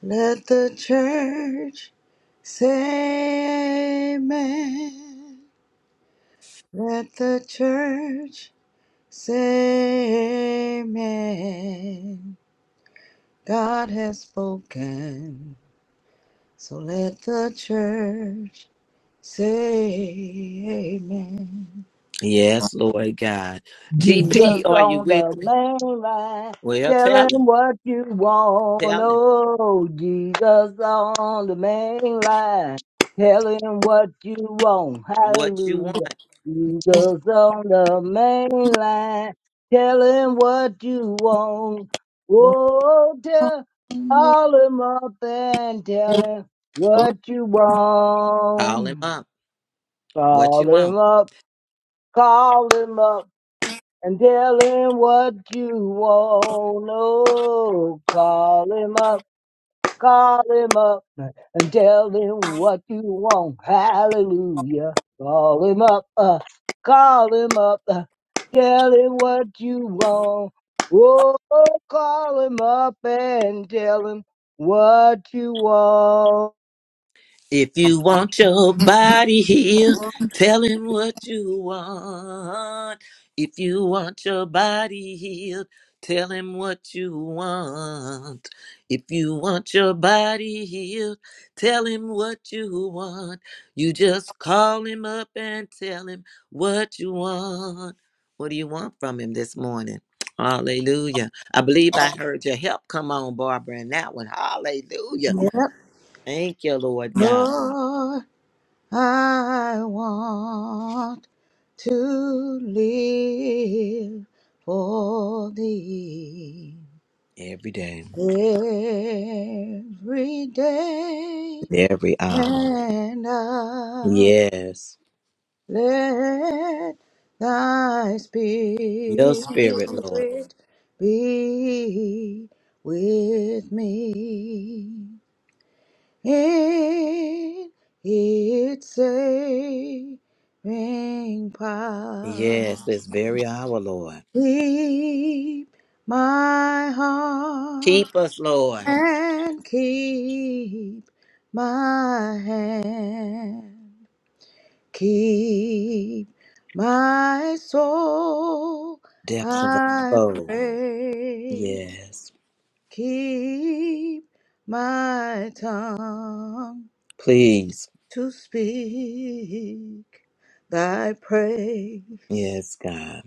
[SPEAKER 4] Let the church say amen. Let the church say amen. God has spoken. So let the church say amen.
[SPEAKER 2] yes, Lord God. GP,
[SPEAKER 7] Jesus
[SPEAKER 2] are you
[SPEAKER 7] on
[SPEAKER 2] with
[SPEAKER 7] the
[SPEAKER 2] me?
[SPEAKER 7] main line,
[SPEAKER 2] Well,
[SPEAKER 7] tell
[SPEAKER 2] tell
[SPEAKER 7] him
[SPEAKER 2] him.
[SPEAKER 7] what you want.
[SPEAKER 2] Tell him
[SPEAKER 7] Oh, Jesus on the main line, tell him what you want.
[SPEAKER 2] what you want.
[SPEAKER 7] Hallelujah. Jesus on the main line, tell him what you want.
[SPEAKER 4] Oh,
[SPEAKER 7] Oh,
[SPEAKER 4] oh,
[SPEAKER 7] tell, call him up and tell him what you
[SPEAKER 2] Call him
[SPEAKER 7] want.
[SPEAKER 2] up. What you
[SPEAKER 7] Call him
[SPEAKER 2] want.
[SPEAKER 7] up, call him up and tell him what you want. Oh, call him up, call him up, and tell him what you want. Hallelujah. Call him up, uh, call him up, uh, tell him what you want. Oh, call him up and tell him what you want.
[SPEAKER 2] If you want your body healed, tell him what you want. If you want your body healed, tell him what you want. If you want your body healed, tell him what you want. You just call him up and tell him what you want. What do you want from him this morning? Hallelujah. I believe I
[SPEAKER 4] oh.
[SPEAKER 2] heard your help come on, Barbara, in that one. Hallelujah.
[SPEAKER 4] Yep,
[SPEAKER 2] Thank you, Lord God.
[SPEAKER 4] Lord, I want to live for thee
[SPEAKER 2] Every day,
[SPEAKER 4] every day,
[SPEAKER 2] every hour.
[SPEAKER 4] and I
[SPEAKER 2] Yes.
[SPEAKER 4] let thy
[SPEAKER 2] Your
[SPEAKER 4] spirit
[SPEAKER 2] spirit, Lord.
[SPEAKER 4] be with me. in its saving power.
[SPEAKER 2] Yes, this very hour, Lord.
[SPEAKER 4] Keep my heart
[SPEAKER 2] Keep us, Lord.
[SPEAKER 4] and keep my hand. Keep my soul,
[SPEAKER 2] Depths of our
[SPEAKER 4] I
[SPEAKER 2] soul.
[SPEAKER 4] pray.
[SPEAKER 2] Yes.
[SPEAKER 4] Keep my tongue
[SPEAKER 2] Please.
[SPEAKER 4] to speak thy praise.
[SPEAKER 2] Yes, God.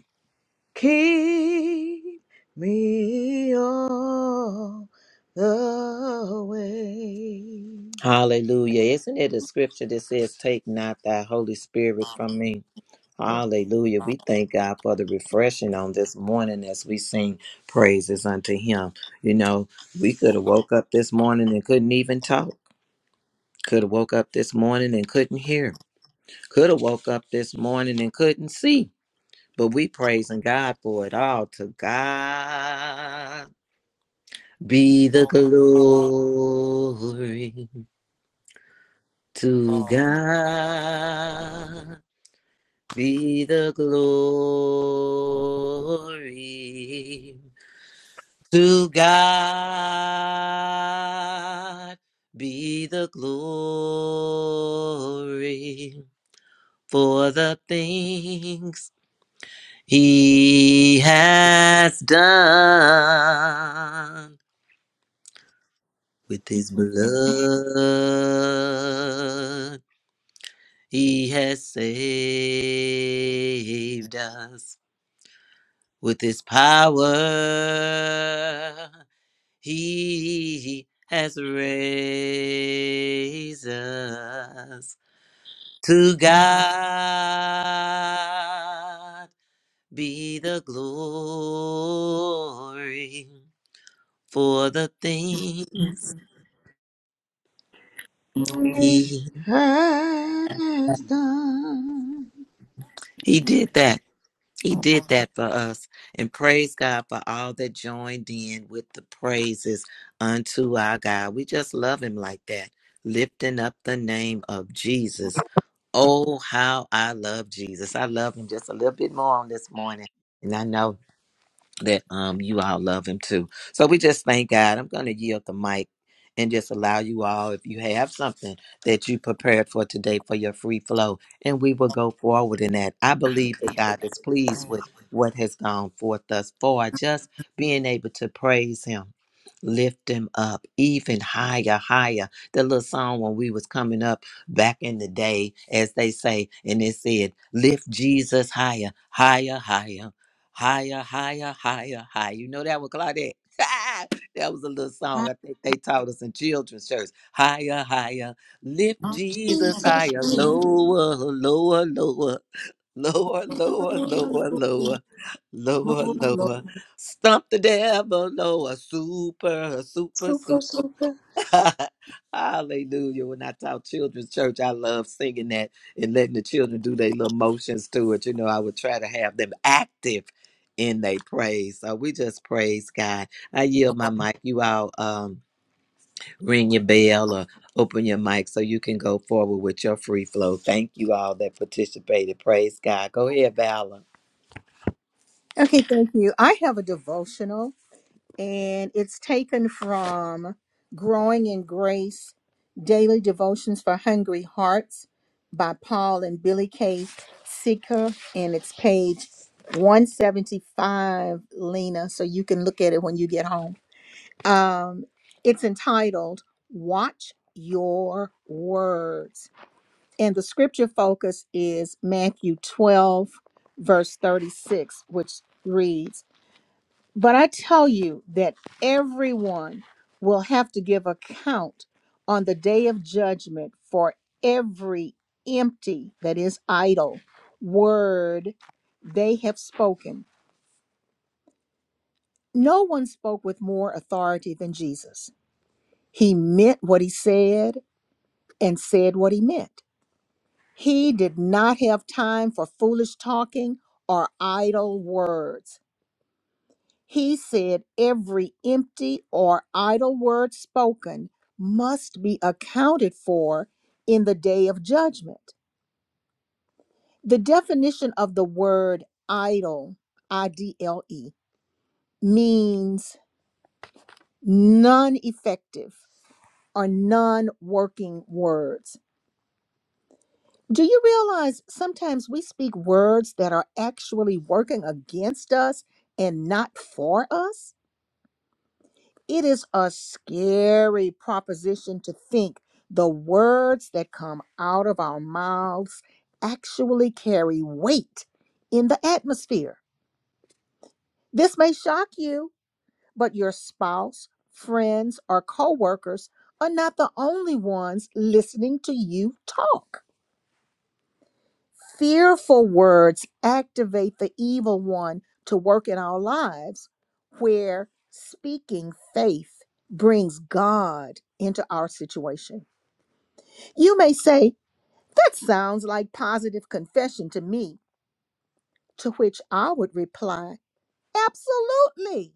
[SPEAKER 4] Keep me all the way.
[SPEAKER 2] Hallelujah. Isn't it a scripture that says, Take not thy Holy Spirit from me?
[SPEAKER 4] Yes.
[SPEAKER 2] Hallelujah. We thank God for the refreshing on this morning as we sing praises unto Him. You know, we could have woke up this morning and couldn't even talk. Could have woke up this morning and couldn't hear. Could have woke up this morning and couldn't see. But we praising God for it all. To God be the glory. To God be the glory. To God be the glory. for the things he has done with his blood. He has saved us with his power. He has raised us to God be the glory for the things he
[SPEAKER 4] Has done.
[SPEAKER 2] he did that. He did that for us. And praise God for all that joined in with the praises unto our God. We just love him like that, lifting up the name of Jesus. Oh, how I love Jesus. I love him just a little bit more on this morning. And I know that um you all love him too. So we just thank God. I'm going to yield the mic and just allow you all if you have something that you prepared for today for your free flow and we will go forward in that. I believe that God is pleased with what has gone forth thus far just being able to praise him. Lift him up even higher, higher. The little song when we was coming up back in the day, as they say, and it said, "Lift Jesus higher, higher, higher." Higher, higher, higher, higher. You know that one, Claudette. that was a little song I think they taught us in children's church. Higher, higher. Lift Jesus higher. Lower, lower, lower. Lower, lower, lower, lower. Lower, lower. Stump the devil lower. Super, super, super. Hallelujah. When I taught children's church, I love singing that and letting the children do their little motions to it. You know, I would try to have them active in their praise. So we just praise God. I yield my mic. You all um, ring your bell or open your mic so you can go forward with your free flow. Thank you all that participated. Praise God. Go ahead, Valor.
[SPEAKER 1] Okay, thank you. I have a devotional, and it's taken from Growing in Grace Daily Devotions for Hungry Hearts by Paul and Billy K. Seeker, and it's page 175, Lena, so you can look at it when you get home. Um, it's entitled Watch Your Words. And the scripture focus is Matthew 12, verse 36, which reads But I tell you that everyone will have to give account on the day of judgment for every empty, that is, idle word they have spoken. No one spoke with more authority than Jesus. He meant what he said and said what he meant. He did not have time for foolish talking or idle words. He said every empty or idle word spoken must be accounted for in the day of judgment. The definition of the word idle, I D L E, means non effective or non working words. Do you realize sometimes we speak words that are actually working against us and not for us? It is a scary proposition to think the words that come out of our mouths actually carry weight in the atmosphere. This may shock you, but your spouse, friends, or coworkers are not the only ones listening to you talk. Fearful words activate the evil one to work in our lives, where speaking faith brings God into our situation. You may say, That sounds like positive confession to me, to which I would reply, Absolutely.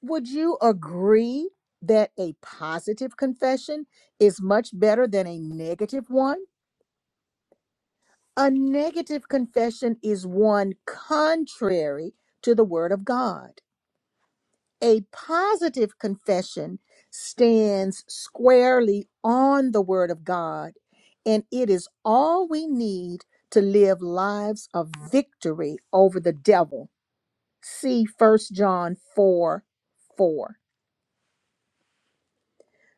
[SPEAKER 1] Would you agree that a positive confession is much better than a negative one? A negative confession is one contrary to the Word of God. A positive confession stands squarely on the Word of God, and it is all we need to live lives of victory over the devil. See First John 4 4.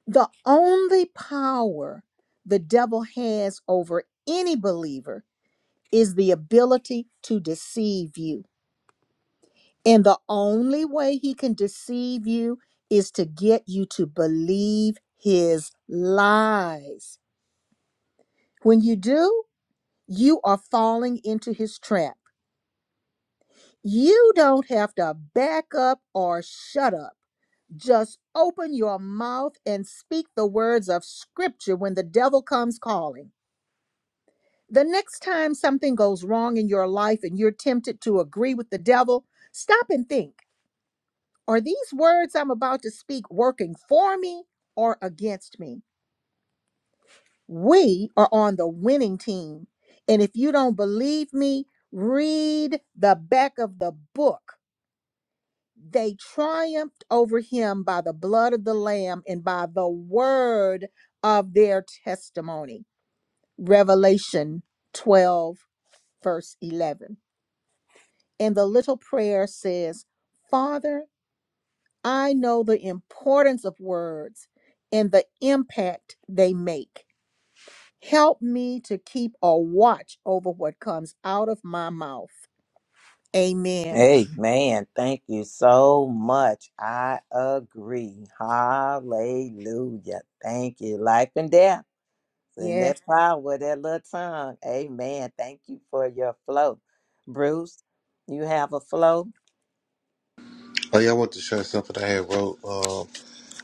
[SPEAKER 1] The only power the devil has over any believer is the ability to deceive you. And the only way he can deceive you is to get you to believe his lies. When you do, you are falling into his trap. You don't have to back up or shut up. Just open your mouth and speak the words of scripture when the devil comes calling. The next time something goes wrong in your life and you're tempted to agree with the devil, stop and think. Are these words I'm about to speak working for me or against me? We are on the winning team. And if you don't believe me, read the back of the book. They triumphed over him by the blood of the Lamb and by the word of their testimony. Revelation 12, verse 11. And the little prayer says, Father, I know the importance of words and the impact they make. Help me to keep a watch over what comes out of my mouth. Amen.
[SPEAKER 2] Hey man, Thank you so much. I agree. Hallelujah. Thank you. Life and death. And that
[SPEAKER 1] Yes.
[SPEAKER 2] power, of that little tongue. Amen. Thank you for your flow. Bruce, you have a flow?
[SPEAKER 5] Oh, yeah, I want to share something I had wrote.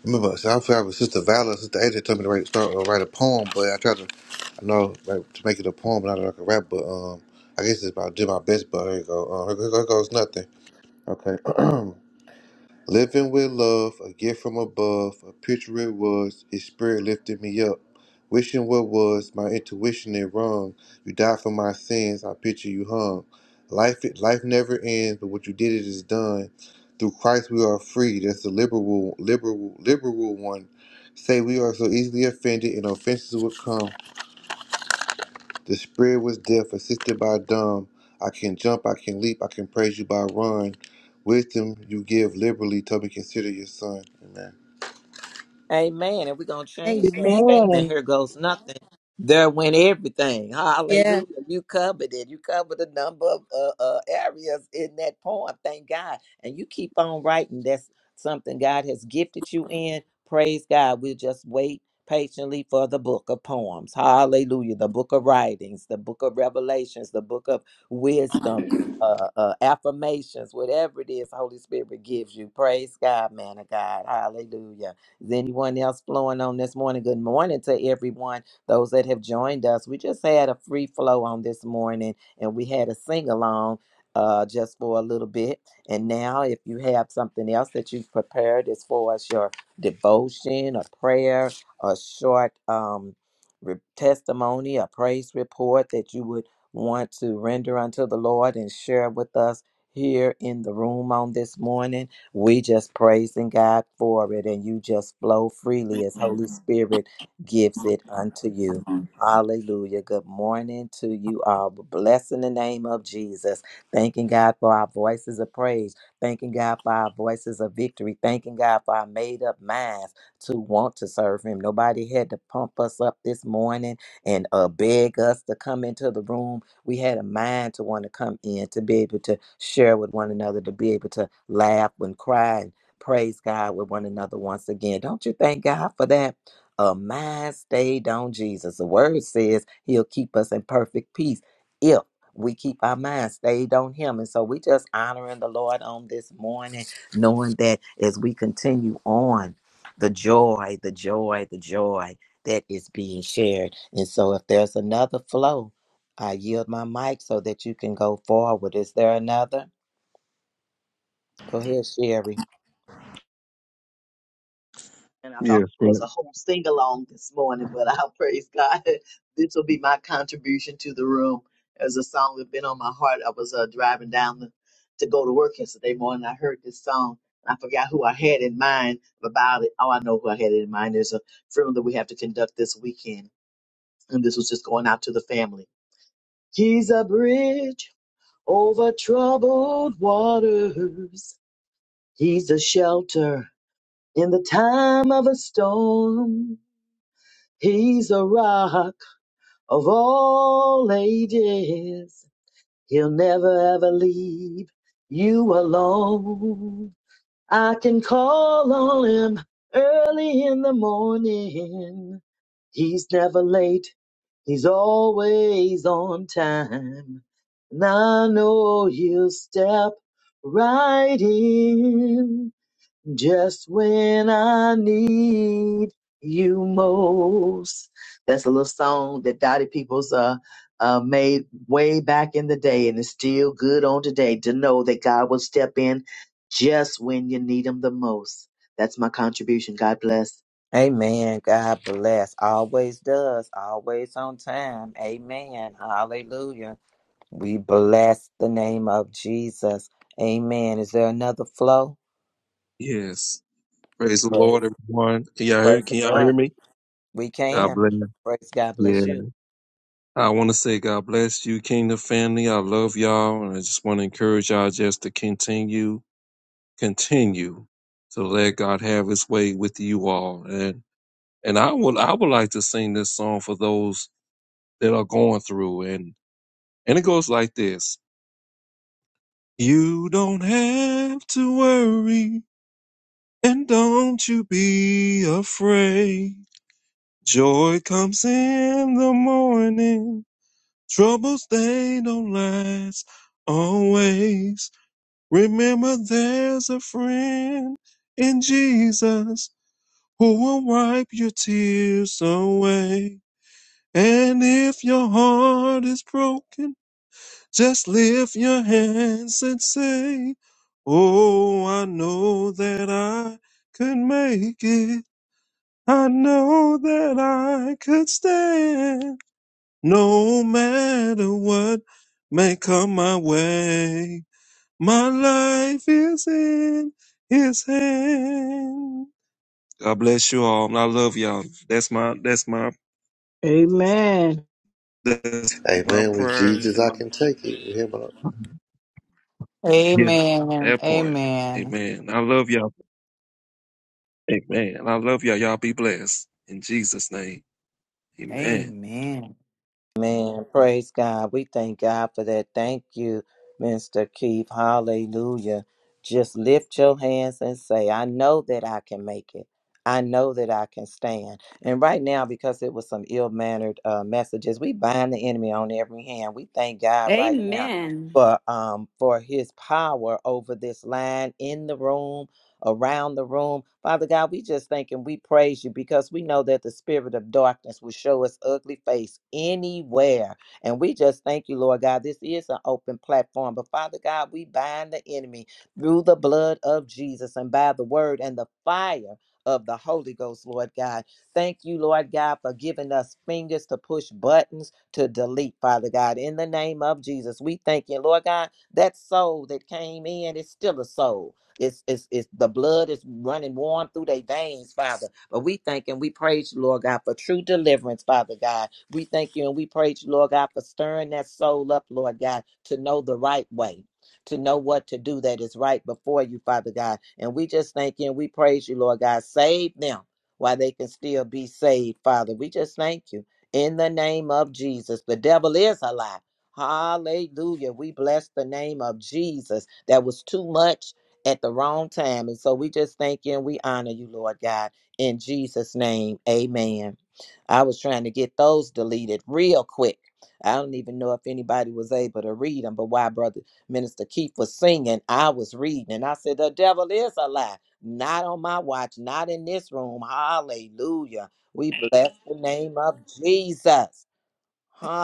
[SPEAKER 5] Remember, so I found with Sister Valor, Sister AJ told me to write, start, uh, write a poem, but I tried to, I know, like, to make it a poem, not like a rap, but um, I guess it's about did my best, but here you go. Uh, here, here goes nothing. Okay. Living with love, a gift from above, a picture it was, his spirit lifted me up. Wishing what was, my intuition it wrong. You died for my sins, I picture you hung. Life life never ends, but what you did it is done. Through Christ we are free, that's the liberal liberal liberal one. Say we are so easily offended and offenses will come. The spirit was deaf, assisted by dumb. I can jump, I can leap, I can praise you by run. Wisdom you give liberally, tell me consider your son. Amen.
[SPEAKER 2] Amen. And we're going to change that
[SPEAKER 1] Amen.
[SPEAKER 2] statement.
[SPEAKER 7] Amen.
[SPEAKER 2] Here goes nothing. There went everything.
[SPEAKER 1] Yes.
[SPEAKER 2] Hallelujah. You covered it. You covered a number of uh, uh, areas in that poem. Thank God. And you keep on writing. That's something God has gifted you in. Praise God. We'll just wait patiently for the book of poems. Hallelujah. The book of writings, the book of revelations, the book of wisdom, uh, uh, affirmations, whatever it is, Holy Spirit gives you. Praise God, man of God. Hallelujah. Is anyone else flowing on this morning? Good morning to everyone, those that have joined us. We just had a free flow on this morning and we had a sing along uh, just for a little bit. And now, if you have something else that you've prepared as far as your devotion, a prayer, a short um, re- testimony, a praise report that you would want to render unto the Lord and share with us here in the room on this morning we just praising God for it, and you just flow freely as Holy Spirit gives it unto you. Hallelujah. Good morning to you all. Bless in the name of Jesus. Thanking God for our voices of praise. Thanking God for our voices of victory. Thanking God for our made up minds to want to serve Him. Nobody had to pump us up this morning and uh, beg us to come into the room we had a mind to want to come in, to be able to share with one another, to be able to laugh and cry and praise God with one another once again. Don't you thank God for that? A mind stayed on Jesus. The word says he'll keep us in perfect peace if we keep our mind stayed on him. And so we just honoring the Lord on this morning, knowing that as we continue on, the joy, the joy, the joy that is being shared. And so if there's another flow, I yield my mic so that you can go forward. Is there another? Go ahead, Sherry.
[SPEAKER 6] And I thought
[SPEAKER 8] Yes,
[SPEAKER 6] it was
[SPEAKER 8] right.
[SPEAKER 6] a whole sing along this morning, but I praise God. This will be my contribution to the room. As a song that been on my heart, I was uh, driving down the, to go to work yesterday morning. I heard this song. and I forgot who I had in mind about it. Oh, I know who I had in mind. There's a funeral that we have to conduct this weekend, and this was just going out to the family. He's a bridge over troubled waters. He's a shelter in the time of a storm. He's a rock of all ages. He'll never ever leave you alone. I can call on him early in the morning. He's never late. He's always on time. And I know he'll step right in. Just when I need you most. That's a little song that Dottie Peoples uh, uh, made way back in the day, and it's still good on today to know that God will step in just when you need Him the most. That's my contribution. God bless.
[SPEAKER 2] Amen. God bless. Always does. Always on time. Amen. Hallelujah. We bless the name of Jesus. Amen. Is there another flow?
[SPEAKER 8] Yes. Praise the Lord,
[SPEAKER 2] Praise,
[SPEAKER 8] everyone. Can y'all hear,
[SPEAKER 2] praise the
[SPEAKER 8] can y'all hear
[SPEAKER 2] Lord.
[SPEAKER 8] me?
[SPEAKER 2] We
[SPEAKER 8] God
[SPEAKER 2] can.
[SPEAKER 8] bless.
[SPEAKER 2] Praise God. Bless
[SPEAKER 8] Yeah.
[SPEAKER 2] you.
[SPEAKER 8] I want to say God bless you, Kingdom family. I love y'all. And I just want to encourage y'all just to continue, continue to let God have his way with you all. And, and I would, I would like to sing this song for those that are going through. And, and it goes like this. You don't have to worry and don't you be afraid. Joy comes in the morning. Troubles, they don't last always. Remember, there's a friend in Jesus who will wipe your tears away. And if your heart is broken, just lift your hands and say, Oh, I know that I could make it. I know that I could stand. No matter what may come my way, my life is in his hand. God bless you all. and I love y'all. That's my that's my
[SPEAKER 7] Amen.
[SPEAKER 8] that's my
[SPEAKER 5] Amen. With
[SPEAKER 8] prayer
[SPEAKER 5] Jesus,
[SPEAKER 8] and
[SPEAKER 5] I
[SPEAKER 8] my
[SPEAKER 5] can take it. You hear
[SPEAKER 8] yeah.
[SPEAKER 9] Amen.
[SPEAKER 8] That part.
[SPEAKER 9] Amen.
[SPEAKER 8] Amen. I love y'all. Amen. I love y'all. Y'all be blessed. In Jesus' name. Amen.
[SPEAKER 9] Amen.
[SPEAKER 2] Man, praise God. We thank God for that. Thank you, Mr. Keith. Hallelujah. Just lift your hands and say, I know that I can make it. I know that I can stand. And right now, because it was some ill mannered uh, messages, we bind the enemy on every hand. We thank God right now
[SPEAKER 10] Amen.
[SPEAKER 2] for um for his power over this line in the room around the room. Father God, we just thank and we praise you because we know that the spirit of darkness will show its ugly face anywhere. And we just thank you, Lord God. This is an open platform. But Father God, we bind the enemy through the blood of Jesus and by the word and the fire of the Holy Ghost, Lord God. Thank you, Lord God, for giving us fingers to push buttons to delete, Father God. In the name of Jesus, we thank you, Lord God. That soul that came in is still a soul. It's, it's, it's the blood is running warm through their veins, Father. But we thank and we praise you, Lord God, for true deliverance, Father God. We thank you and we praise you, Lord God, for stirring that soul up, Lord God, to know the right way. To know what to do that is right before you, Father God. And we just thank you and we praise you, Lord God. Save them while they can still be saved, Father. We just thank you in the name of Jesus. The devil is a lie. Hallelujah. We bless the name of Jesus. That was too much at the wrong time. And so we just thank you and we honor you, Lord God. In Jesus' name, amen. I was trying to get those deleted real quick. I don't even know if anybody was able to read them, but while Brother Minister Keith was singing, I was reading. And I said, The devil is a lie. Not on my watch, not in this room. Hallelujah. We bless the name of Jesus.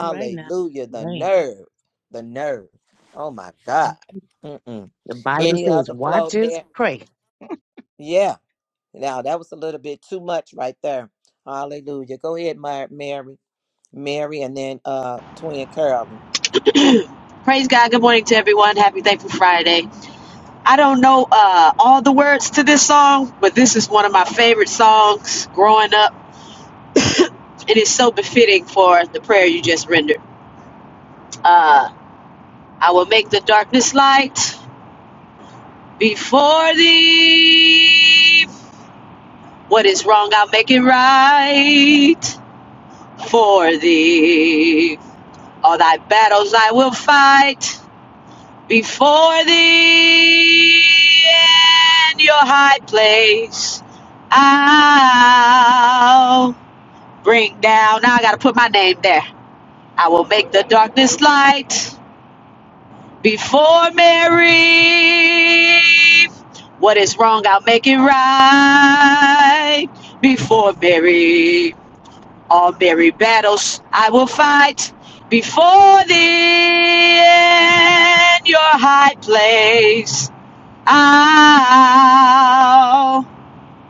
[SPEAKER 11] All right now.
[SPEAKER 2] The
[SPEAKER 11] Right.
[SPEAKER 2] nerve, the nerve. Oh my God. Mm-mm.
[SPEAKER 11] The Bible
[SPEAKER 2] Any
[SPEAKER 11] says,
[SPEAKER 2] other flow,
[SPEAKER 11] watch is
[SPEAKER 2] man?
[SPEAKER 11] pray.
[SPEAKER 2] Yeah. Now that was a little bit too much right there. Hallelujah. Go ahead, Mar- Mary, Mary, and then uh, twin Carolyn.
[SPEAKER 12] Praise God. Good morning to everyone. Happy Thankful Friday. I don't know uh, all the words to this song, but this is one of my favorite songs growing up. It is so befitting for the prayer you just rendered. Uh, I will make the darkness light before thee. What is wrong, I'll make it right for thee. All thy battles I will fight before thee and your high place. I'll bring down. Now I gotta put my name there. I will make the darkness light before Mary. What is wrong, I'll make it right before Mary. All Mary battles I will fight before thee and your high place. I'll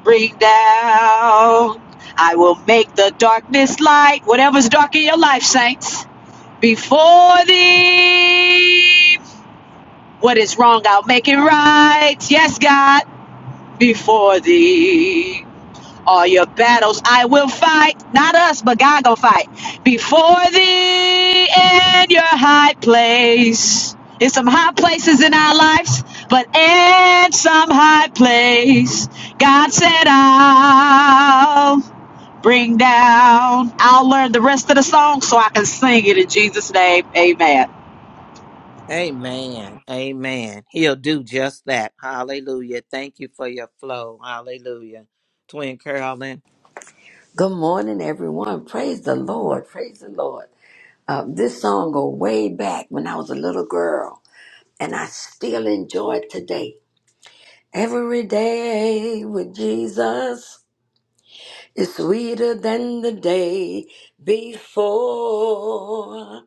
[SPEAKER 12] bring down. I will make the darkness light, whatever's dark in your life, saints. Before thee, what is wrong, I'll make it right. Yes, God, before thee. All your battles I will fight. Not us, but God gonna fight. Before thee in your high place. It's some high places in our lives, but in some high place. God said, I'll bring down. I'll learn the rest of the song so I can sing it in Jesus' name. Amen.
[SPEAKER 2] Amen. Amen. He'll do just that. Hallelujah. Thank you for your flow. Hallelujah. Twin Carolyn.
[SPEAKER 13] Good morning, everyone. Praise the Lord. Praise the Lord. Uh, this song go way back when I was a little girl, and I still enjoy it today. Every day with Jesus is sweeter than the day before.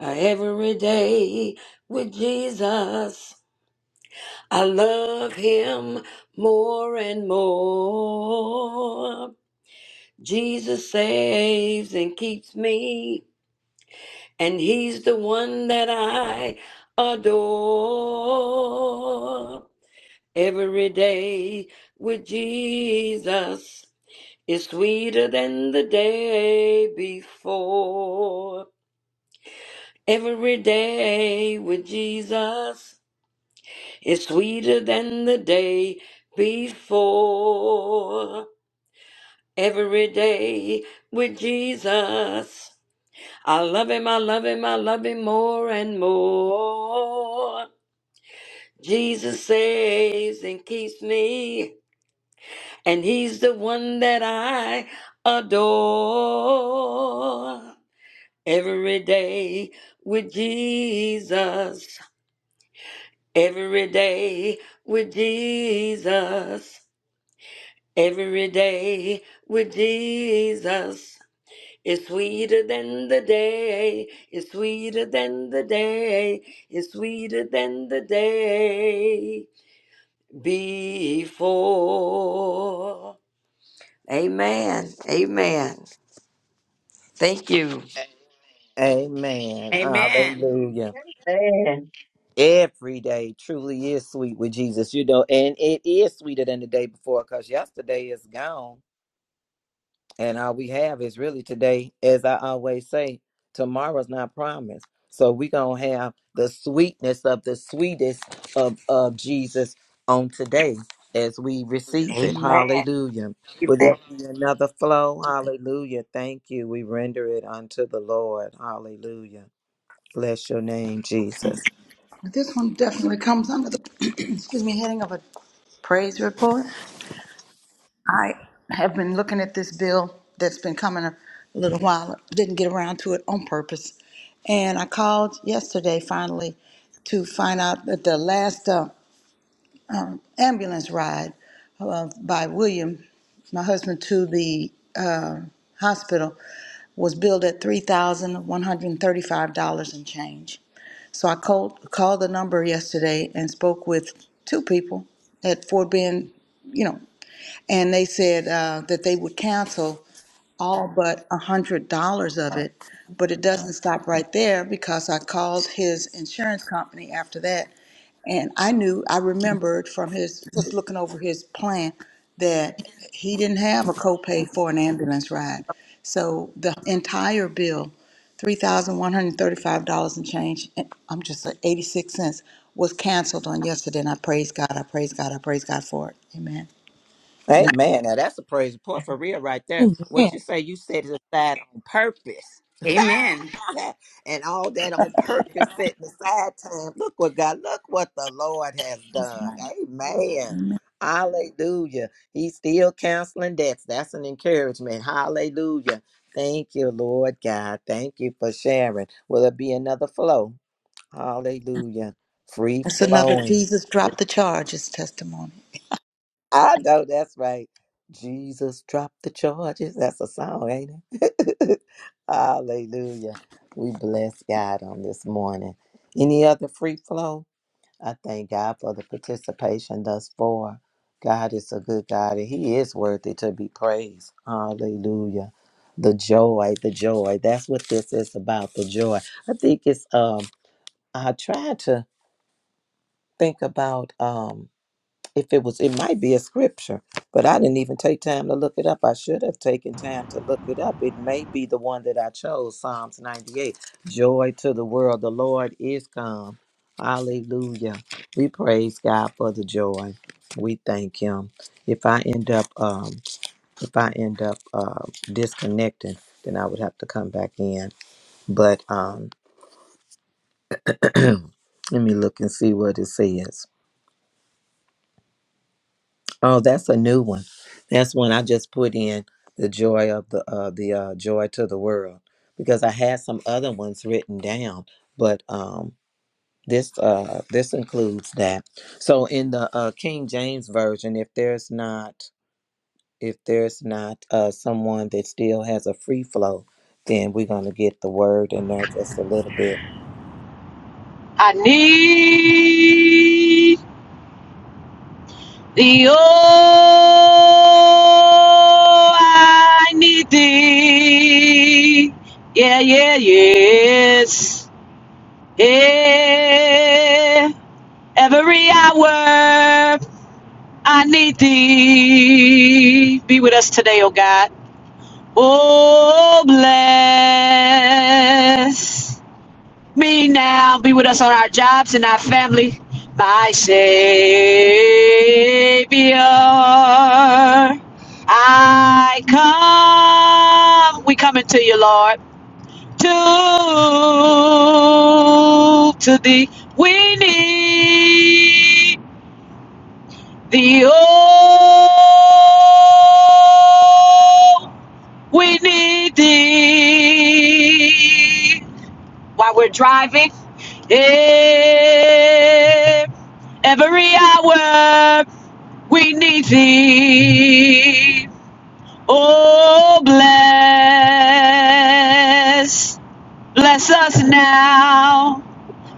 [SPEAKER 13] Uh, Every day with Jesus, I love Him more and more. Jesus saves and keeps me. and he's the one that I adore. Every day with Jesus is sweeter than the day before. Every day with Jesus is sweeter than the day before. Every day with Jesus. I love him, I love him, I love him more and more. Jesus saves and keeps me, and He's the one that I adore. Every day with Jesus, every day with Jesus, every day with Jesus. It's sweeter than the day, it's sweeter than the day, it's sweeter than the day. before. Amen. Amen. Thank you.
[SPEAKER 2] Amen.
[SPEAKER 10] Amen.
[SPEAKER 2] Hallelujah.
[SPEAKER 6] Man.
[SPEAKER 2] Every day truly is sweet with Jesus, you know, and it is sweeter than the day before because yesterday is gone. And all we have is really today, as I always say, tomorrow's not promised. So we going to have the sweetness of the sweetest of, of Jesus on today as we receive it.
[SPEAKER 13] Amen.
[SPEAKER 2] Hallelujah. Will there
[SPEAKER 13] Amen.
[SPEAKER 2] be another flow? Hallelujah. Thank you. We render it unto the Lord. Hallelujah. Bless your name, Jesus.
[SPEAKER 4] This one definitely comes under the excuse me heading of a praise report. I have been looking at this bill that's been coming a little while, didn't get around to it on purpose. And I called yesterday finally to find out that the last uh, um, ambulance ride uh, by William, my husband, to the uh, hospital was billed at $3,135 and change. So I called, called the number yesterday and spoke with two people at Fort Bend, you know, and they said uh, that they would cancel all but a hundred dollars of it. But it doesn't stop right there because I called his insurance company after that, and I knew I remembered from his just looking over his plan that he didn't have a copay for an ambulance ride. So the entire bill, three thousand one hundred thirty-five dollars and change, and I'm just like eighty-six cents, was canceled on yesterday. And I praise God. I praise God. I praise God for it. Amen.
[SPEAKER 2] Hey
[SPEAKER 4] And
[SPEAKER 2] man, now that's a praise report for real right there. What
[SPEAKER 1] Amen.
[SPEAKER 2] you say you set it aside on purpose.
[SPEAKER 10] Amen.
[SPEAKER 2] and all that on purpose setting aside time. Look what God, look what the Lord has done.
[SPEAKER 4] I,
[SPEAKER 2] Amen.
[SPEAKER 4] Amen.
[SPEAKER 2] Hallelujah. He's still counseling debts. That's an encouragement. Hallelujah. Thank you, Lord God. Thank you for sharing. Will it be another flow? Hallelujah. Free
[SPEAKER 4] That's another
[SPEAKER 2] flowing.
[SPEAKER 4] Jesus dropped the charges testimony.
[SPEAKER 2] I know that's right. Jesus dropped the charges. That's a song, ain't it? Hallelujah. We bless God on this morning. Any other free flow? I thank God for the participation thus far. God is a good God and He is worthy to be praised. Hallelujah. The joy, the joy. That's what this is about, the joy. I think it's um I tried to think about um if it was it might be a scripture but i didn't even take time to look it up i should have taken time to look it up it may be the one that i chose psalms 98 joy to the world the lord is come hallelujah we praise god for the joy we thank him if i end up um if i end up uh disconnecting then i would have to come back in but um let me look and see what it says Oh, that's a new one. That's one I just put in the joy of the uh, the uh, joy to the world because I had some other ones written down, but um, this uh, this includes that. So in the uh, King James version, if there's not if there's not uh, someone that still has a free flow, then we're gonna get the word in there just a little bit.
[SPEAKER 12] I need. The oh, I need thee. Yeah, yeah, yes. Yeah. Every hour I need thee. Be with us today, oh God. Oh, bless me now, be with us on our jobs and our family. My Savior, I come. We coming to you, Lord. To, to thee, we need thee. Oh, we need thee while we're driving. Eh, Every hour we need thee. Oh, bless, bless us now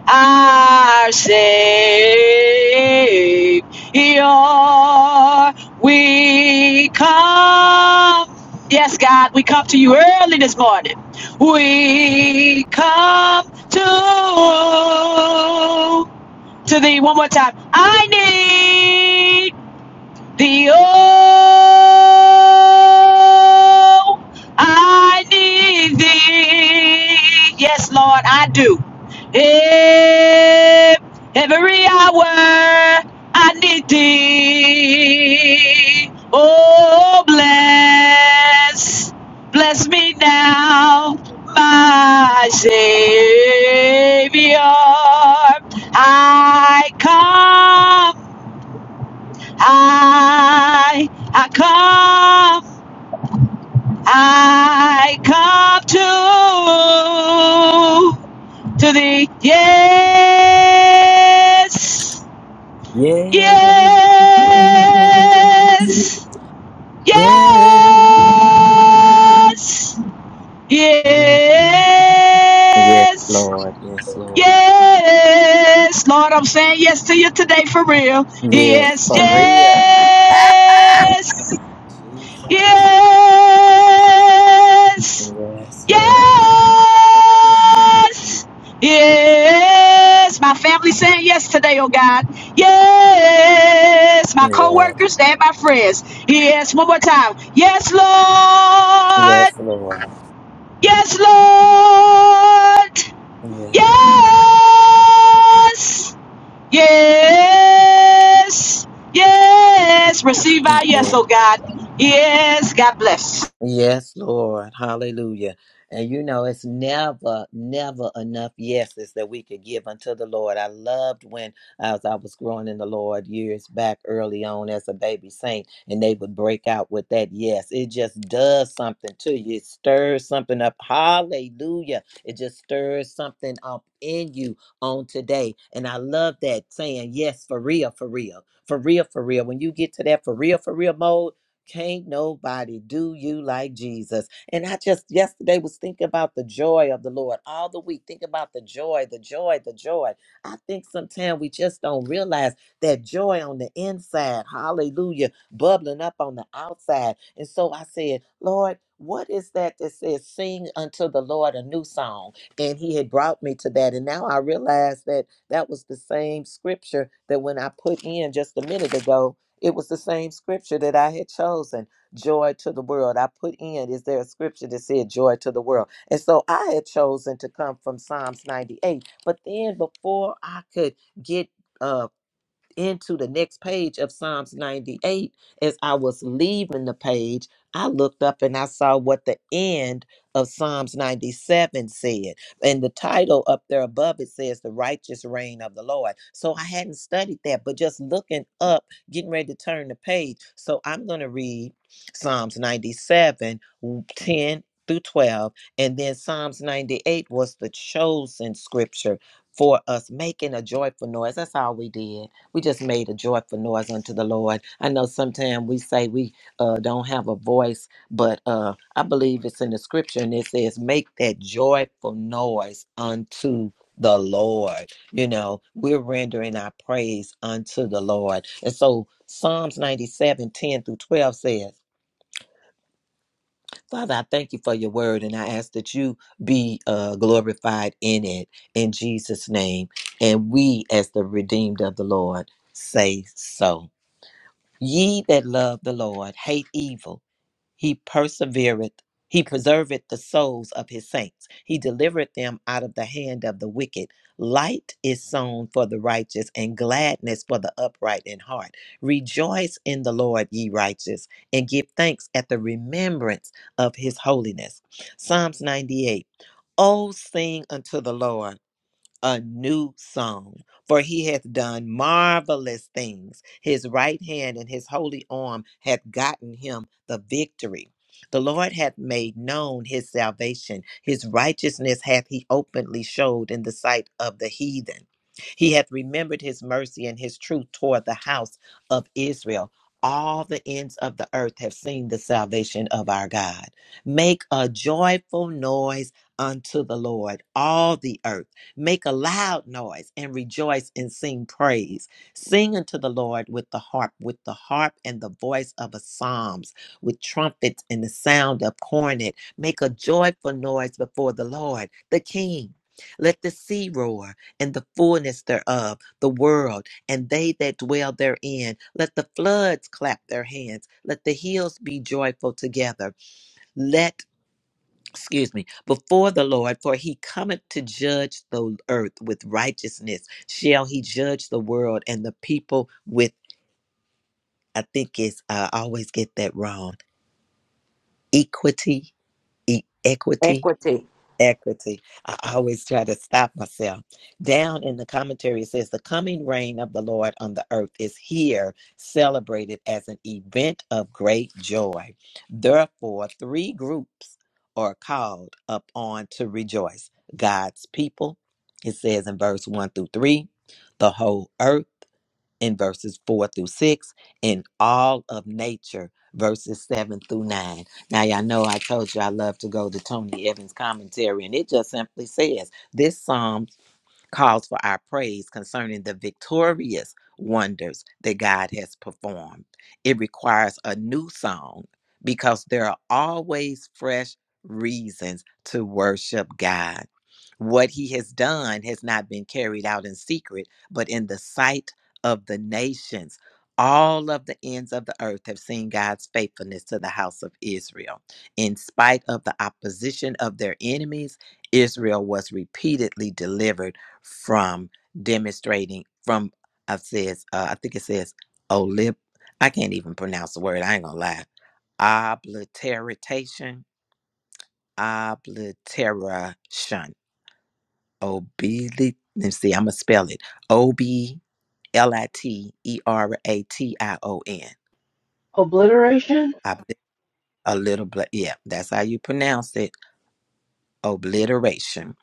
[SPEAKER 12] our Savior. We come, yes, God, we come to you early this morning. We come to to thee one more time. I need. The oh, I need thee. Yes, Lord, I do. Eh, Every hour I need thee. Oh, bless, bless me now, my Savior. I come I I come, I come to to the yes,
[SPEAKER 2] Yeah.
[SPEAKER 12] yes, yes,
[SPEAKER 2] Yeah. Yes,
[SPEAKER 12] yes,
[SPEAKER 2] Lord. Yes, Lord.
[SPEAKER 12] yes. Lord, I'm saying yes to you today for real.
[SPEAKER 2] Yes,
[SPEAKER 12] Yes,
[SPEAKER 2] for real.
[SPEAKER 12] yes.
[SPEAKER 2] Jesus.
[SPEAKER 12] Yes,
[SPEAKER 2] Yes, Lord.
[SPEAKER 12] yes, yes. My family saying yes today, oh God. Yes, my
[SPEAKER 2] Yes,
[SPEAKER 12] co-workers and my friends. Yes, one more time. Yes,
[SPEAKER 2] yes,
[SPEAKER 12] Lord.
[SPEAKER 2] Lord.
[SPEAKER 12] Yes, Lord.
[SPEAKER 2] Yes.
[SPEAKER 12] Yes, yes, yes. Receive our yes, oh God. Yes, God bless.
[SPEAKER 2] Yes, Lord. Hallelujah. And you know, it's never, never enough yeses that we could give unto the Lord. I loved when as I was growing in the Lord years back early on as a baby saint, and they would break out with that yes. It just does something to you. It stirs something up. Hallelujah. It just stirs something up in you on today. And I love that saying, yes, for real, for real. For real, for real. When you get to that for real, for real mode, can't nobody do you like Jesus. And I just yesterday was thinking about the joy of the Lord all the week. Think about the joy, the joy, the joy. I think sometimes we just don't realize that joy on the inside, hallelujah, bubbling up on the outside. And so I said, Lord, what is that that says, Sing unto the Lord a new song? And he had brought me to that. And now I realize that that was the same scripture that when I put in just a minute ago it was the same scripture that I had chosen, joy to the world. I put in, is there a scripture that said joy to the world? And so I had chosen to come from Psalms 98. But then before I could get uh into the next page of Psalms 98, as I was leaving the page, I looked up and I saw what the end of Psalms 97 said. And the title up there above it says, The Righteous Reign of the Lord. So I hadn't studied that, but just looking up, getting ready to turn the page. So I'm going to read Psalms 97, w- 10 through 12. And then Psalms 98 was the chosen scripture for us, making a joyful noise. That's all we did we just made a joyful noise unto the Lord. I know sometimes we say we uh, don't have a voice, but uh, I believe it's in the scripture and it says, make that joyful noise unto the Lord. You know, we're rendering our praise unto the Lord. And so Psalms 97, 10 through 12 says, Father, I thank you for your word and I ask that you be uh, glorified in it in Jesus' name. And we, as the redeemed of the Lord, say so. Ye that love the Lord hate evil. He persevereth, he preserveth the souls of his saints. He delivereth them out of the hand of the wicked. Light is sown for the righteous, and gladness for the upright in heart. Rejoice in the Lord, ye righteous, and give thanks at the remembrance of his holiness. Psalms 98. Oh, sing unto the Lord a new song. For he hath done marvelous things. His right hand and his holy arm hath gotten him the victory. The Lord hath made known his salvation. His righteousness hath he openly showed in the sight of the heathen. He hath remembered his mercy and his truth toward the house of Israel. All the ends of the earth have seen the salvation of our God. Make a joyful noise unto the Lord, all the earth Make a loud noise and rejoice and sing praise. Sing unto the Lord with the harp, with the harp and the voice of a psalms, with trumpets and the sound of cornet. Make a joyful noise before the Lord, the King. Let the sea roar and the fullness thereof, the world and they that dwell therein. Let the floods clap their hands. Let the hills be joyful together. Let excuse me, before the Lord, for he cometh to judge the earth with righteousness. Shall he judge the world and the people with, I think it's, uh, I always get that wrong, equity, e- equity.
[SPEAKER 13] Equity.
[SPEAKER 2] equity. I always try to stop myself. Down in the commentary, it says, The coming reign of the Lord on the earth is here, celebrated as an event of great joy. Therefore, three groups are called upon to rejoice God's people, it says in verse 1 through 3, the whole earth in verses 4 through 6 and all of nature verses 7 through 9 now y'all know i told you i love to go to tony evans commentary and it just simply says this psalm calls for our praise concerning the victorious wonders that God has performed. It requires a new song because there are always fresh reasons to worship God. What he has done has not been carried out in secret, but in the sight of the nations. All of the ends of the earth have seen God's faithfulness to the house of Israel. In spite of the opposition of their enemies, Israel was repeatedly delivered from demonstrating from I says uh, I think it says olip I can't even pronounce the word I ain't gonna lie obliteration obliteration obli let me see I'm gonna spell it O B L I T E R A T I O N
[SPEAKER 3] Obliteration?
[SPEAKER 2] Obli- a little bl- yeah that's how you pronounce it obliteration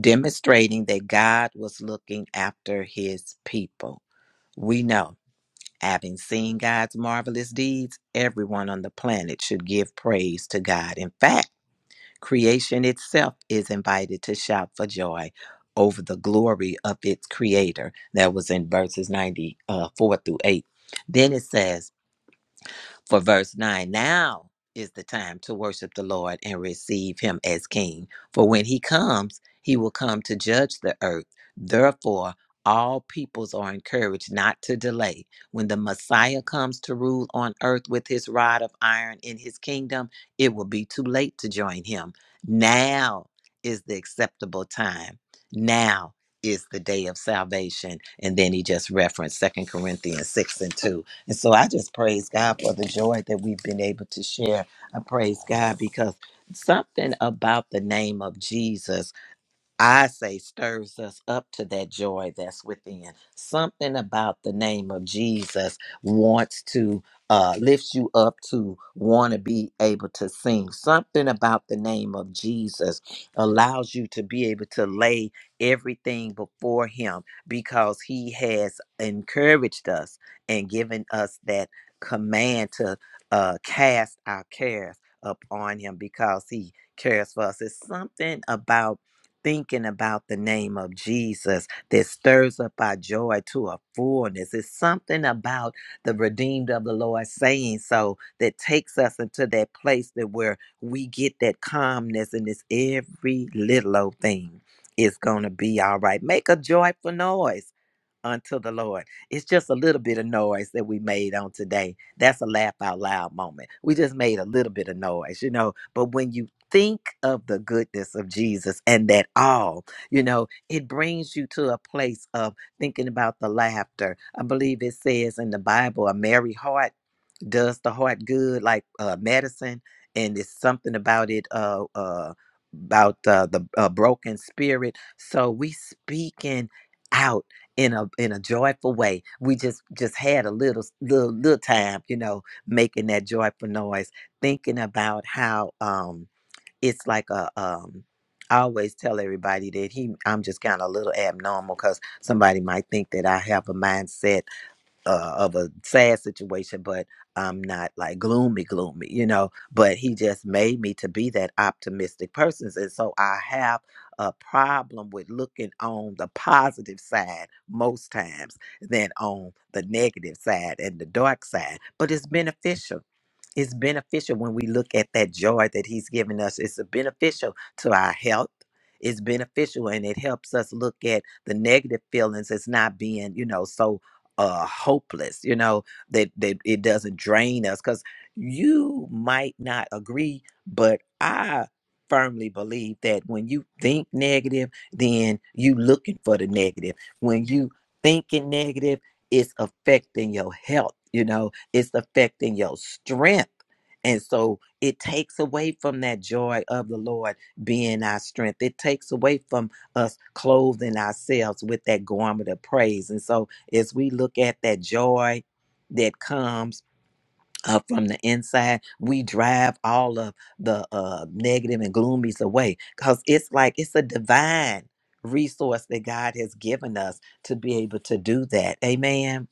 [SPEAKER 2] demonstrating that God was looking after His people we know. Having seen God's marvelous deeds, everyone on the planet should give praise to God. In fact, creation itself is invited to shout for joy over the glory of its creator. That was in verses 94 through 8. Then it says, for verse 9, now is the time to worship the Lord and receive him as king. For when he comes, he will come to judge the earth. Therefore, all peoples are encouraged not to delay. When the Messiah comes to rule on earth with his rod of iron in his kingdom, it will be too late to join him. Now is the acceptable time. Now is the day of salvation. And then he just referenced Second Corinthians 6 and 2 and so I just praise God for the joy that we've been able to share. I praise God because something about the name of Jesus. I say stirs us up to that joy that's within. Something about the name of Jesus wants to uh, lift you up to want to be able to sing. Something about the name of Jesus allows you to be able to lay everything before Him because He has encouraged us and given us that command to uh, cast our cares upon Him because He cares for us. It's something about thinking about the name of Jesus that stirs up our joy to a fullness. It's something about the redeemed of the Lord saying so that takes us into that place that where we get that calmness and it's every little old thing is going to be all right. Make a joyful noise unto the Lord. It's just a little bit of noise that we made on today. That's a laugh out loud moment. We just made a little bit of noise, you know. But when you think of the goodness of Jesus and that all, you know, it brings you to a place of thinking about the laughter. I believe it says in the Bible, a merry heart does the heart good like uh, medicine and it's something about it uh, uh, about uh, the uh, broken spirit so we speaking out in a in a joyful way we just just had a little little, little time you know making that joyful noise thinking about how um it's like a um I always tell everybody that he I'm just kind of a little abnormal because somebody might think that I have a mindset uh, of a sad situation, but I'm not like gloomy, gloomy, you know. But he just made me to be that optimistic person. And so I have a problem with looking on the positive side most times than on the negative side and the dark side. But it's beneficial it's beneficial when we look at that joy that He's given us. It's beneficial to our health. It's beneficial and it helps us look at the negative feelings It's not being, you know, so uh hopeless, you know, that, that it doesn't drain us. Cause you might not agree, but I firmly believe that when you think negative, then you looking for the negative. When you thinking negative, it's affecting your health, you know it's affecting your strength. And so it takes away from that joy of the Lord being our strength. It takes away from us clothing ourselves with that garment of praise. And so as we look at that joy that comes uh, from the inside, we drive all of the uh, negative and gloomies away because it's like it's a divine resource that God has given us to be able to do that. Amen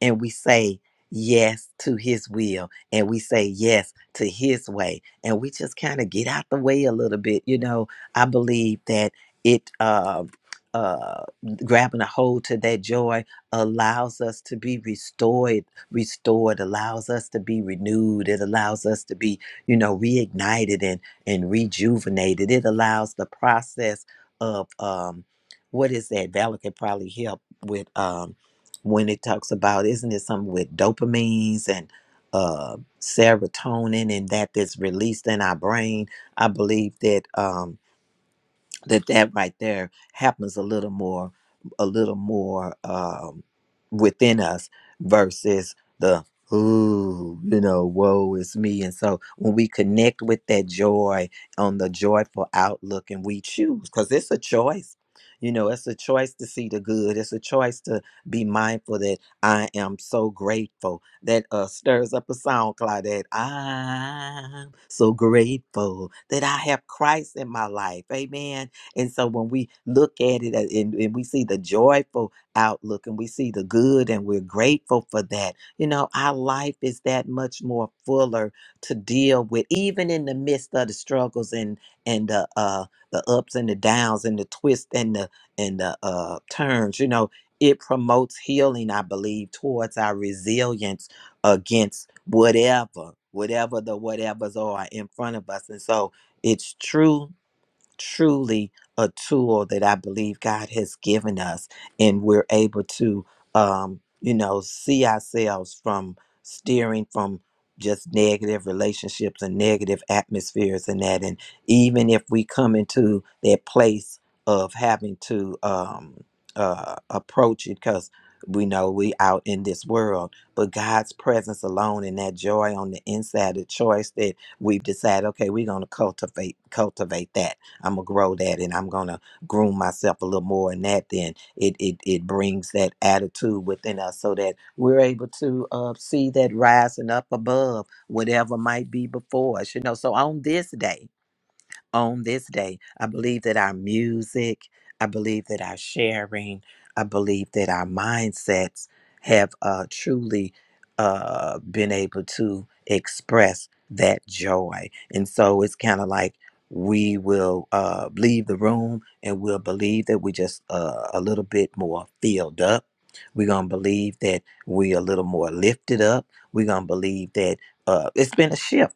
[SPEAKER 2] and we say yes to his will and we say yes to his way and we just kind of get out the way a little bit you know i believe that it uh uh grabbing a hold to that joy allows us to be restored restored allows us to be renewed it allows us to be you know reignited and and rejuvenated it allows the process of um what is that Valor can probably help with um when it talks about isn't it something with dopamines and uh, serotonin and that that's released in our brain i believe that um, that that right there happens a little more a little more um within us versus the ooh you know woe is me and so when we connect with that joy on the joyful outlook and we choose because it's a choice you know it's a choice to see the good it's a choice to be mindful that i am so grateful that uh stirs up a song cloud that i'm so grateful that i have christ in my life amen and so when we look at it a- and, and we see the joyful outlook and we see the good and we're grateful for that, you know, our life is that much more fuller to deal with, even in the midst of the struggles and and the uh the ups and the downs and the twists and the and the uh turns, you know. It promotes healing, I believe, towards our resilience against whatever, whatever the whatevers are in front of us. And so it's true truly a tool that I believe God has given us, and we're able to, um, you know, see ourselves from steering from just negative relationships and negative atmospheres and that. And even if we come into that place of having to um, uh, approach it, because we know we out in this world, but God's presence alone and that joy on the inside, the choice that we've decided, okay, we're going to cultivate cultivate that I'm gonna grow that and I'm gonna groom myself a little more in that then it it, it brings that attitude within us so that we're able to uh, see that rising up above whatever might be before us you know so on this day on this day. I believe that our music, I believe that our sharing, I believe that our mindsets have uh, truly uh, been able to express that joy. And so it's kind of like we will uh, leave the room and we'll believe that we're just uh, a little bit more filled up. We're going to believe that we're a little more lifted up. We're going to believe that uh, it's been a shift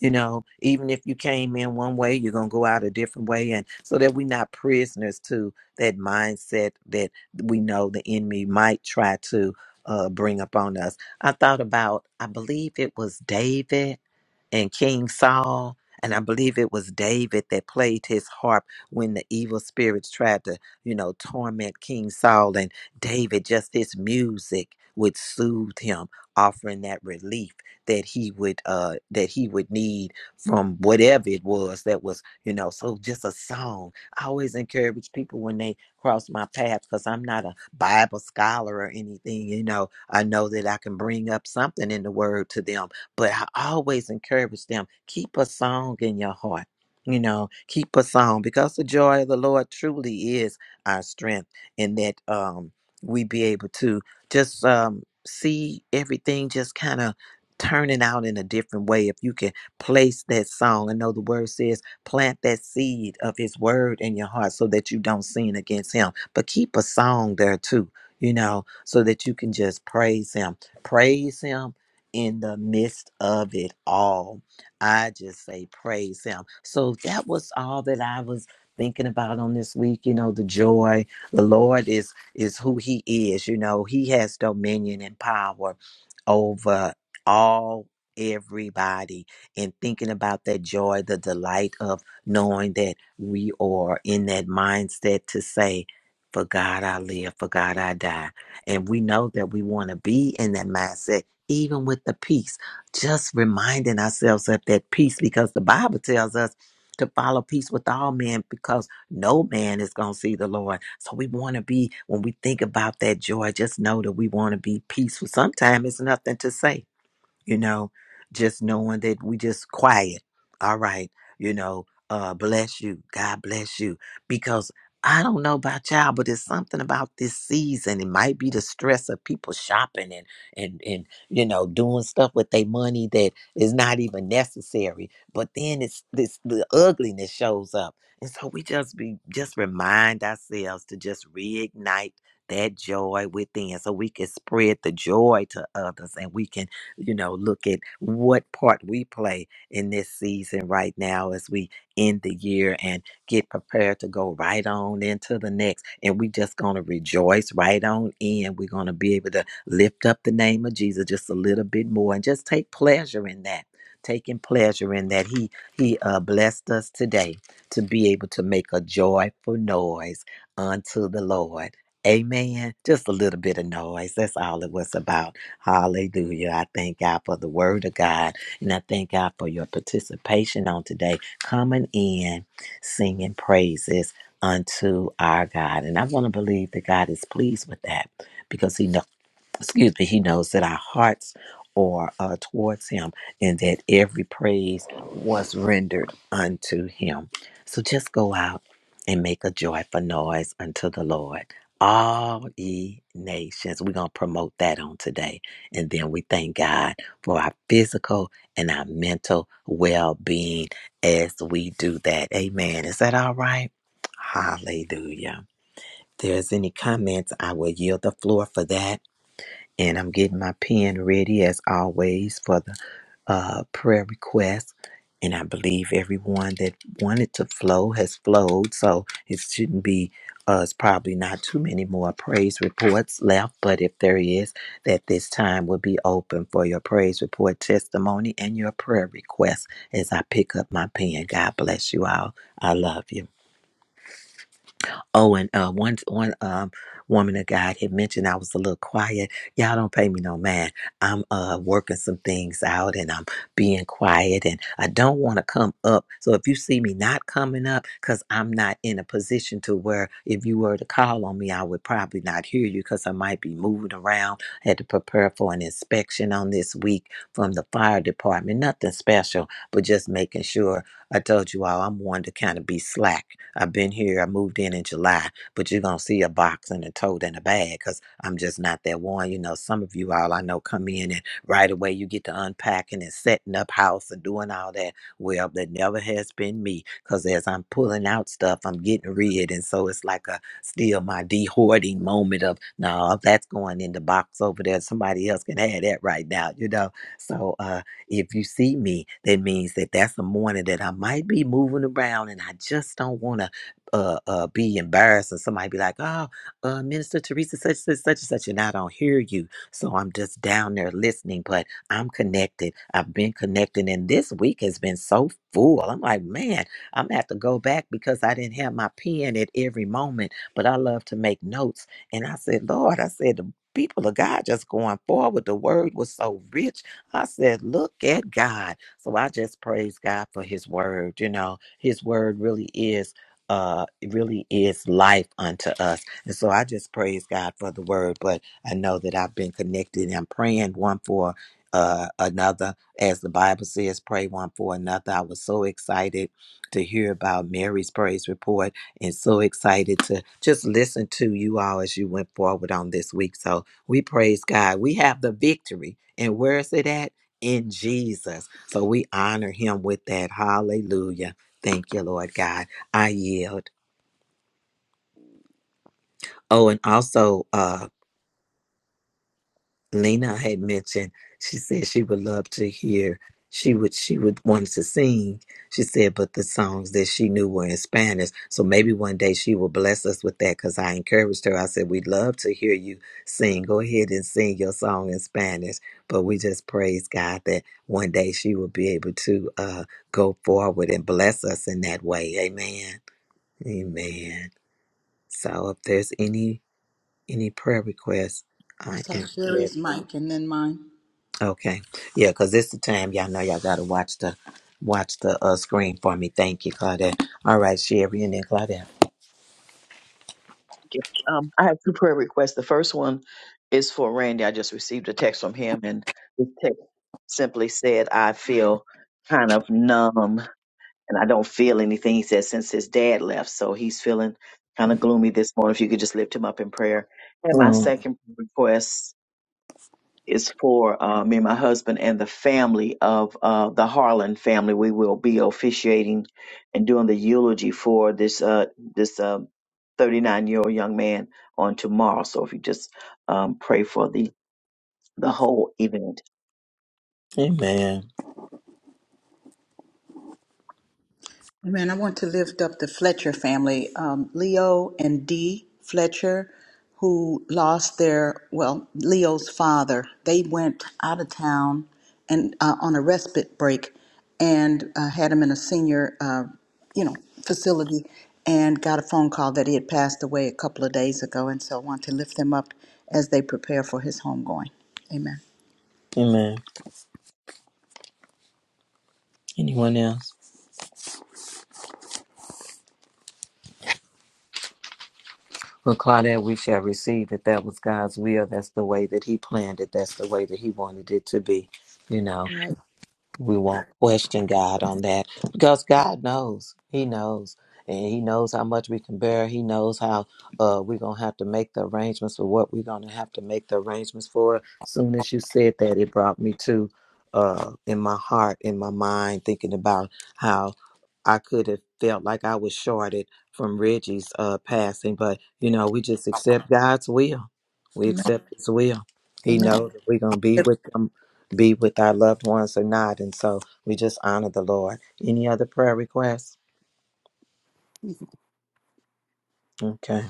[SPEAKER 2] you know even if you came in one way you're going to go out a different way and so that we're not prisoners to that mindset that we know the enemy might try to uh, bring upon us i thought about i believe it was david and king saul and i believe it was david that played his harp when the evil spirits tried to you know torment king saul and david just his music would soothe him offering that relief that he would uh that he would need from whatever it was that was you know so just a song i always encourage people when they cross my path because i'm not a bible scholar or anything you know i know that i can bring up something in the word to them but i always encourage them keep a song in your heart you know keep a song because the joy of the lord truly is our strength and that um we be able to just um see everything just kind of turning out in a different way if you can place that song i know the word says plant that seed of his word in your heart so that you don't sin against him but keep a song there too you know so that you can just praise him praise him in the midst of it all i just say praise him so that was all that i was thinking about on this week you know the joy the lord is is who he is you know he has dominion and power over all everybody and thinking about that joy the delight of knowing that we are in that mindset to say for god i live for god i die and we know that we want to be in that mindset even with the peace just reminding ourselves of that peace because the bible tells us to follow peace with all men because no man is going to see the lord so we want to be when we think about that joy just know that we want to be peaceful sometimes it's nothing to say you know, just knowing that we just quiet. All right, you know, uh, bless you. God bless you. Because I don't know about y'all, but it's something about this season. It might be the stress of people shopping and and and you know doing stuff with their money that is not even necessary. But then it's this the ugliness shows up, and so we just be just remind ourselves to just reignite that joy within, so we can spread the joy to others, and we can you know, look at what part we play in this season right now as we end the year and get prepared to go right on into the next. And we just going to rejoice right on in. We're going to be able to lift up the name of Jesus just a little bit more and just take pleasure in that. Taking pleasure in that he he uh, blessed us today to be able to make a joyful noise unto the Lord. Amen. Just a little bit of noise. That's all it was about. Hallelujah. I thank God for the word of God. And I thank God for your participation on today, coming in, singing praises unto our God. And I want to believe that God is pleased with that because He knows excuse me, he knows that our hearts are uh, towards him and that every praise was rendered unto him. So just go out and make a joyful noise unto the Lord. All ye nations, we're going to promote that on today. And then we thank God for our physical and our mental well being as we do that. Amen. Is that all right? Hallelujah. there's any comments, I will yield the floor for that and I'm getting my pen ready as always for the uh, prayer request. And I believe everyone that wanted to flow has flowed, so it shouldn't be. Uh, it's probably not too many more praise reports left, but if there is, that this time will be open for your praise report, testimony, and your prayer requests. As I pick up my pen, God bless you all. I love you. Oh, and uh, one one um woman of God had mentioned I was a little quiet. Y'all don't pay me no man. I'm uh working some things out and I'm being quiet and I don't want to come up. So if you see me not coming up, cause I'm not in a position to where if you were to call on me, I would probably not hear you because I might be moving around. Had to prepare for an inspection on this week from the fire department. Nothing special, but just making sure. I told you all I'm one to kind of be slack I've been here. I moved in in July, but you're gonna see a box and a tote and a bag because I'm just not that one. You know, some of you all I know come in and right away you get to unpacking and setting up house and doing all that. Well, that never has been me because as I'm pulling out stuff, I'm getting rid, and so it's like a still my de-hoarding moment of no, that's going in the box over there. Somebody else can have that right now, you know. So. uh if you see me, that means that that's a morning that I might be moving around and I just don't want to uh, uh, be embarrassed. And somebody be like, oh, uh, Minister Teresa, such, such, such, and such, and I don't hear you. So I'm just down there listening, but I'm connected. I've been connected. And this week has been so full. I'm like, man, I'm going to have to go back because I didn't have my pen at every moment, but I love to make notes. And I said, Lord, I said, the people of God just going forward. The word was so rich I said, look at God. So I just praise God for his word. You know, his word really is uh it really is life unto us. And so I just praise God for the word. But I know that I've been connected and I'm praying one for uh another. As the Bible says, pray one for another. I was so excited to hear about Mary's praise report and so excited to just listen to you all as you went forward on this week. So we praise God. We have the victory. And where is it at? In Jesus. So we honor him with that. Hallelujah. Thank you, Lord God. I yield. Oh, and also, uh, Lena had mentioned, she said she would love to hear. She would she would want to sing. She said, but the songs that she knew were in Spanish. So maybe one day she will bless us with that. Because I encouraged her. I said, we'd love to hear you sing. Go ahead and sing your song in Spanish. But we just praise God that one day she will be able to uh, go forward and bless us in that way. Amen. Amen. So if there's any any prayer requests,
[SPEAKER 4] I
[SPEAKER 2] I
[SPEAKER 4] saw
[SPEAKER 2] am ready.
[SPEAKER 4] Sherry's mic and then mine.
[SPEAKER 2] Okay. Yeah, because it's the time y'all know y'all gotta watch the watch the uh screen for me. Thank you, Claudette. All right, Sherry and then Claudette.
[SPEAKER 6] Um, I have two prayer requests. The first one is for Randy. I just received a text from him, and this text simply said, I feel kind of numb and I don't feel anything. He said since his dad left, so he's feeling kind of gloomy this morning. If you could just lift him up in prayer. And my
[SPEAKER 2] Oh,
[SPEAKER 6] second request is for uh, me and my husband and the family of uh, the Harlan family. We will be officiating and doing the eulogy for this uh, this uh, 39 year old young man on tomorrow. So if you just um, pray for the the whole event.
[SPEAKER 2] amen.
[SPEAKER 4] Man, I want to lift up the Fletcher family, um, Leo and Dee Fletcher, who lost their, well, Leo's father. They went out of town and uh, on a respite break and uh, had him in a senior, uh, you know, facility and got a phone call that he had passed away a couple of days ago. And so I want to lift them up as they prepare for his homegoing. Amen.
[SPEAKER 2] Amen. Anyone else? Well, Claudette, we shall receive that that was God's will. That's the way that He planned it. That's the way that He wanted it to be. You know.
[SPEAKER 4] Right.
[SPEAKER 2] we won't question God on that because God knows. He knows. And he knows how much we can bear. He knows how uh, we're going to have to make the arrangements for what we're going to have to make the arrangements for. Soon as you said that, it brought me to uh, in my heart, in my mind, thinking about how I could have felt like I was shorted from Reggie's uh, passing. But, you know, we just accept God's will. We
[SPEAKER 4] Amen.
[SPEAKER 2] accept his will. He
[SPEAKER 4] Amen.
[SPEAKER 2] knows that we're going to be with him be with our loved ones or not. And so we just honor the Lord. Any other prayer requests? Okay.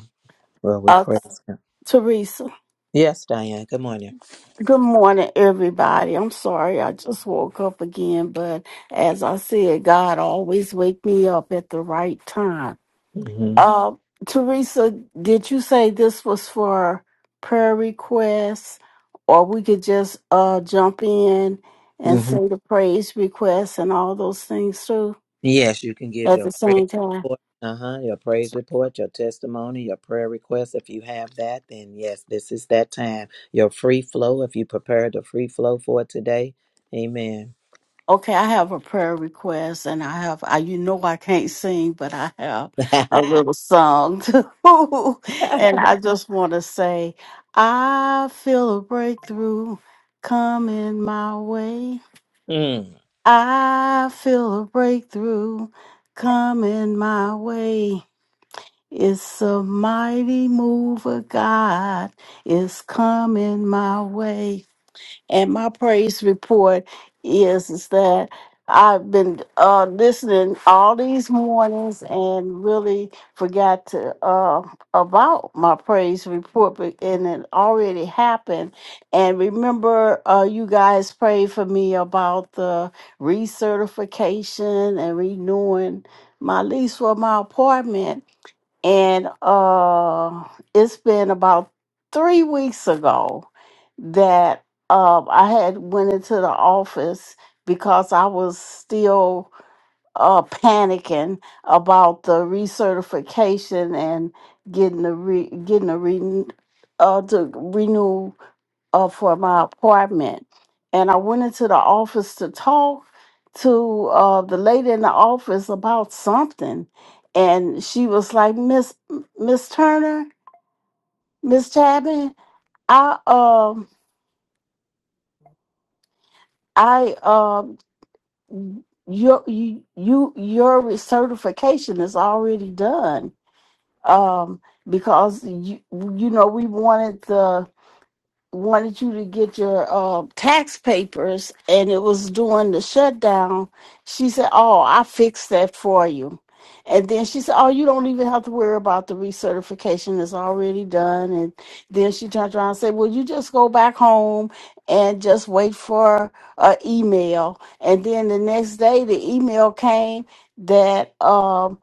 [SPEAKER 2] Well, we
[SPEAKER 14] Uh,
[SPEAKER 2] praise Him.
[SPEAKER 14] Teresa,
[SPEAKER 2] Yes, Diane. Good morning.
[SPEAKER 14] good morning, everybody. I'm sorry I just woke up again, but as I said, God always wake me up at the right time.
[SPEAKER 2] hmm
[SPEAKER 14] Uh, Teresa, did you say this was for prayer requests, or we could just uh, jump in and
[SPEAKER 2] hmm
[SPEAKER 14] say the praise requests and all those things too
[SPEAKER 2] Yes, you can give
[SPEAKER 14] at
[SPEAKER 2] your
[SPEAKER 14] the
[SPEAKER 2] praise
[SPEAKER 14] same time?
[SPEAKER 2] report. Uh huh. Your praise report, your testimony, your prayer request. If you have that, then yes, this is that time. Your free flow, if you prepared a free flow for today. Amen.
[SPEAKER 14] Okay, I have a prayer request, and I have, I, you know, I can't sing, but I have a little song too. and I just want to say, I feel a breakthrough coming my way.
[SPEAKER 2] Mm.
[SPEAKER 14] I feel a breakthrough coming my way. It's a mighty move of God. It's coming my way. And my praise report is is that I've been uh, listening all these mornings and really forgot to uh, about my praise report, but- and it already happened. And remember, uh, you guys prayed for me about the recertification and renewing my lease for my apartment and uh, it's been about three weeks ago that uh, I had went into the office because I was still uh, panicking about the recertification and getting the re- getting a re- uh, to renew uh, for my appointment. And I went into the office to talk to uh, the lady in the office about something. And she was like, Miss Miss Turner, Miss Chapman, I um I um your you you your certification is already done. Um because you you know we wanted the wanted you to get your uh, tax papers and it was during the shutdown she said oh i fixed that for you and then she said oh you don't even have to worry about the recertification it's already done and then she turned around and said well you just go back home and just wait for an email and then the next day the email came that um,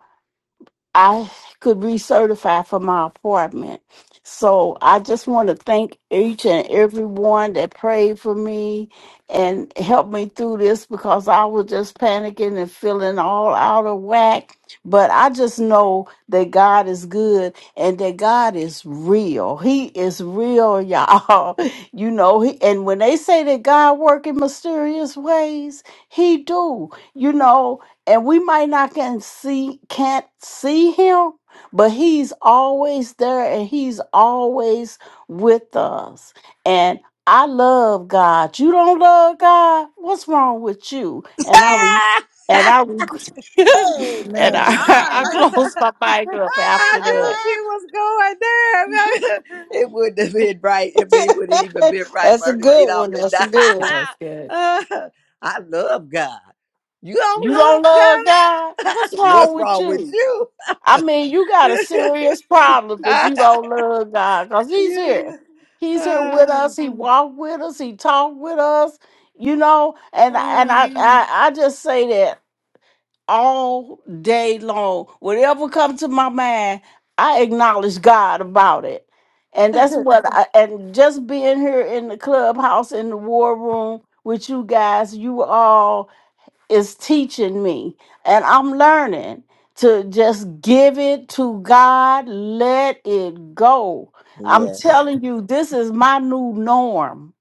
[SPEAKER 14] I could recertify for my apartment. So I just want to thank each and everyone that prayed for me and helped me through this because I was just panicking and feeling all out of whack. But I just know that God is good and that God is real. He is real, y'all. You know, he, and when they say that God work in mysterious ways, he do. You know, and we might not can see can't see him but he's always there and he's always with us and i love god you don't love god what's wrong with you and i re- and i re- and
[SPEAKER 4] Amen.
[SPEAKER 14] i
[SPEAKER 4] I
[SPEAKER 14] i
[SPEAKER 4] like.
[SPEAKER 14] closed my mic up
[SPEAKER 2] I
[SPEAKER 14] after
[SPEAKER 2] knew
[SPEAKER 14] that
[SPEAKER 2] she was going there. it wouldn't have been right. I mean, It would not even been right
[SPEAKER 9] That's
[SPEAKER 2] for
[SPEAKER 9] a
[SPEAKER 2] her to get
[SPEAKER 9] good
[SPEAKER 2] up
[SPEAKER 9] one.
[SPEAKER 2] and
[SPEAKER 9] That's
[SPEAKER 2] die.
[SPEAKER 9] a good
[SPEAKER 10] That
[SPEAKER 9] one.
[SPEAKER 10] was good.
[SPEAKER 2] Uh, I love God. You
[SPEAKER 14] you
[SPEAKER 2] don't love
[SPEAKER 14] don't love god
[SPEAKER 2] God?
[SPEAKER 14] what's wrong
[SPEAKER 2] What's
[SPEAKER 14] with
[SPEAKER 2] wrong with
[SPEAKER 14] you
[SPEAKER 2] you?
[SPEAKER 14] I mean, you got a serious problem if you don't love God, because He's here.
[SPEAKER 2] you
[SPEAKER 14] He's here with
[SPEAKER 2] uh,
[SPEAKER 14] us. He walked with us. He talked with us. You know, and and
[SPEAKER 2] uh.
[SPEAKER 14] I I, I just say that all day long. Whatever comes to my mind, I acknowledge God about it. And that's what I and just being here in the clubhouse in the war room with you guys, you all is teaching me and I'm learning to just give it to God, let it go. I'm
[SPEAKER 2] yeah.
[SPEAKER 14] telling you, this is my new norm.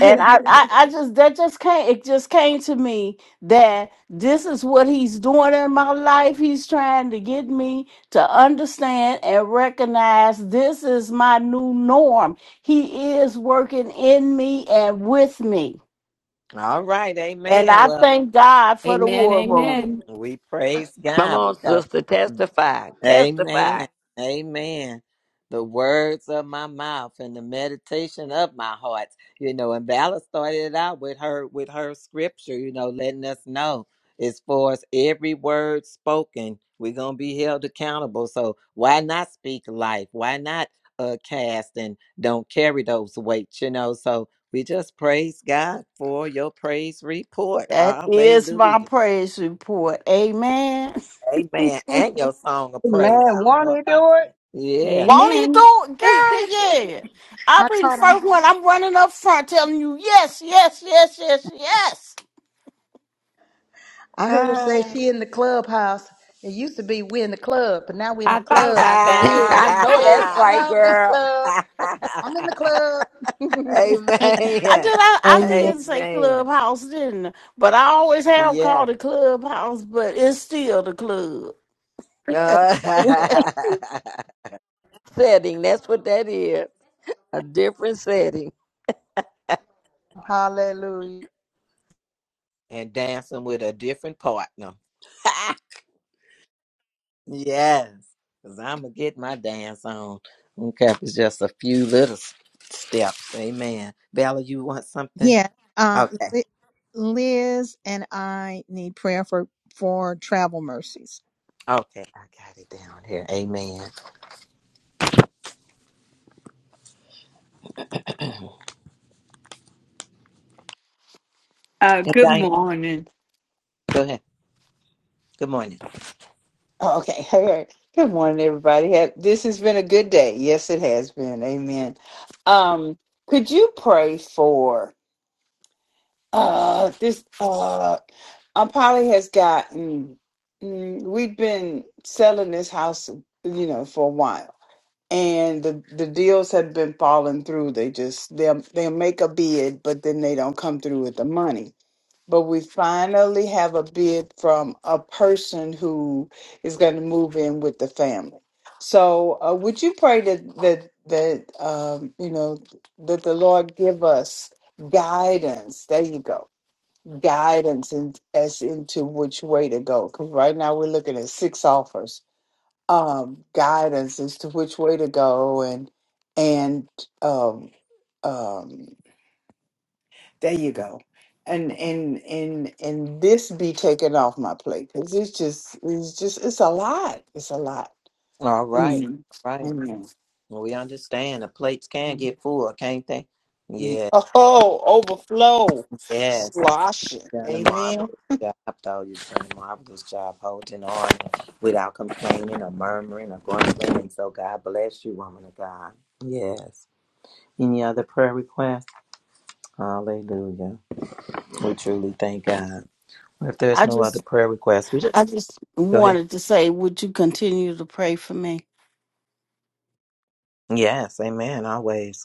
[SPEAKER 14] And I, Mhm. I, I just that just came it just came to me that this is what he's doing in my life. He's trying to get me to understand and recognize this is my new norm. He is working in me and with me.
[SPEAKER 2] All right.
[SPEAKER 14] And
[SPEAKER 2] Amen.
[SPEAKER 14] I
[SPEAKER 2] Well,
[SPEAKER 14] thank God for the
[SPEAKER 10] Amen.
[SPEAKER 14] war room.
[SPEAKER 10] Amen.
[SPEAKER 2] we praise
[SPEAKER 13] Come
[SPEAKER 2] God
[SPEAKER 13] on,
[SPEAKER 2] because.
[SPEAKER 13] sister. Testify. Testify.
[SPEAKER 2] Amen. Amen. The words of my mouth and the meditation of my heart. You know, and Bella started it out with her with her scripture, you know, letting us know as far as every word spoken, we're gonna be held accountable. So why not speak life? Why not uh cast and don't carry those weights, you know? So we just praise God for your praise report.
[SPEAKER 14] That is my
[SPEAKER 2] Hallelujah.
[SPEAKER 14] praise report. Amen.
[SPEAKER 2] Amen. And your song of praise.
[SPEAKER 7] Amen.
[SPEAKER 2] I don't
[SPEAKER 7] Want
[SPEAKER 2] know if
[SPEAKER 7] to
[SPEAKER 2] I.
[SPEAKER 7] do it?
[SPEAKER 2] Yeah.
[SPEAKER 14] Won't he
[SPEAKER 10] Amen.
[SPEAKER 14] do it, girl? Yeah. I'll
[SPEAKER 4] I
[SPEAKER 14] be the
[SPEAKER 4] caught
[SPEAKER 14] first
[SPEAKER 4] on.
[SPEAKER 14] one. I'm running up front telling you, yes, yes, yes, yes, yes.
[SPEAKER 4] I heard her say
[SPEAKER 2] Ah.
[SPEAKER 4] she in the clubhouse. It used to be we in the club, but now we in the
[SPEAKER 10] I thought
[SPEAKER 4] club
[SPEAKER 10] about
[SPEAKER 4] for
[SPEAKER 10] that.
[SPEAKER 4] real.
[SPEAKER 13] I know
[SPEAKER 4] Hey,
[SPEAKER 13] that's
[SPEAKER 4] I
[SPEAKER 13] right,
[SPEAKER 4] love this
[SPEAKER 13] girl.
[SPEAKER 4] club. I'm in the club.
[SPEAKER 14] I did.
[SPEAKER 2] Amen.
[SPEAKER 14] I, I
[SPEAKER 1] Amen.
[SPEAKER 14] did say
[SPEAKER 2] Amen.
[SPEAKER 14] clubhouse, didn't I? But I always have called
[SPEAKER 2] Yes.
[SPEAKER 14] it clubhouse, but it's still the club.
[SPEAKER 2] Uh,
[SPEAKER 13] Setting. That's what that is. A different setting.
[SPEAKER 4] Hallelujah.
[SPEAKER 2] and dancing with a different partner. yes. Because I'm going to get my dance on. Okay, if it's just a few little s- steps. Amen. Bella, you want something?
[SPEAKER 1] Yeah. Um,
[SPEAKER 2] Okay.
[SPEAKER 1] Li- Liz and I need prayer for, for travel mercies.
[SPEAKER 2] Okay. I got it down here. Amen.
[SPEAKER 9] Uh,
[SPEAKER 2] And
[SPEAKER 9] good
[SPEAKER 2] Diane,
[SPEAKER 9] morning.
[SPEAKER 2] go ahead. Good morning.
[SPEAKER 9] Oh, okay. All right. Good morning, everybody. Ha- This has been a good day. Yes, it has been. Amen. Um, could you pray for uh this uh um Polly has gotten mm, we've been selling this house, you know, for a while. and the the deals had been falling through. They just they'll they'll make a bid, but then they don't come through with the money. But we finally have a bid from a person who is going to move in with the family. So uh, would you pray that that that um, you know that the Lord give us guidance? There you go, guidance in, as into which way to go. Because right now we're looking at six offers um, guidance as to which way to go and and um, um, there you go and and and and this be taken off my plate because it's just it's just it's a lot it's a lot
[SPEAKER 2] All right.
[SPEAKER 9] amen
[SPEAKER 2] All right.
[SPEAKER 9] amen
[SPEAKER 2] Well, we understand the plates can get full, can't they?
[SPEAKER 9] Ye-
[SPEAKER 2] Yeah.
[SPEAKER 9] oh overflow
[SPEAKER 2] Yes.
[SPEAKER 9] slosh it.
[SPEAKER 2] Done a
[SPEAKER 9] amen
[SPEAKER 2] marvelous job, though. You've done a marvelous job holding on without complaining or murmuring or grumbling. So God bless you, woman of God. Yes. Any other prayer requests? Hallelujah. We truly thank God. If there's
[SPEAKER 14] I
[SPEAKER 2] no other
[SPEAKER 14] just,
[SPEAKER 2] prayer requests, we
[SPEAKER 14] I
[SPEAKER 2] just
[SPEAKER 14] just
[SPEAKER 2] go ahead.
[SPEAKER 14] wanted to say, would you continue to pray for me?
[SPEAKER 2] Yes. Amen. Always.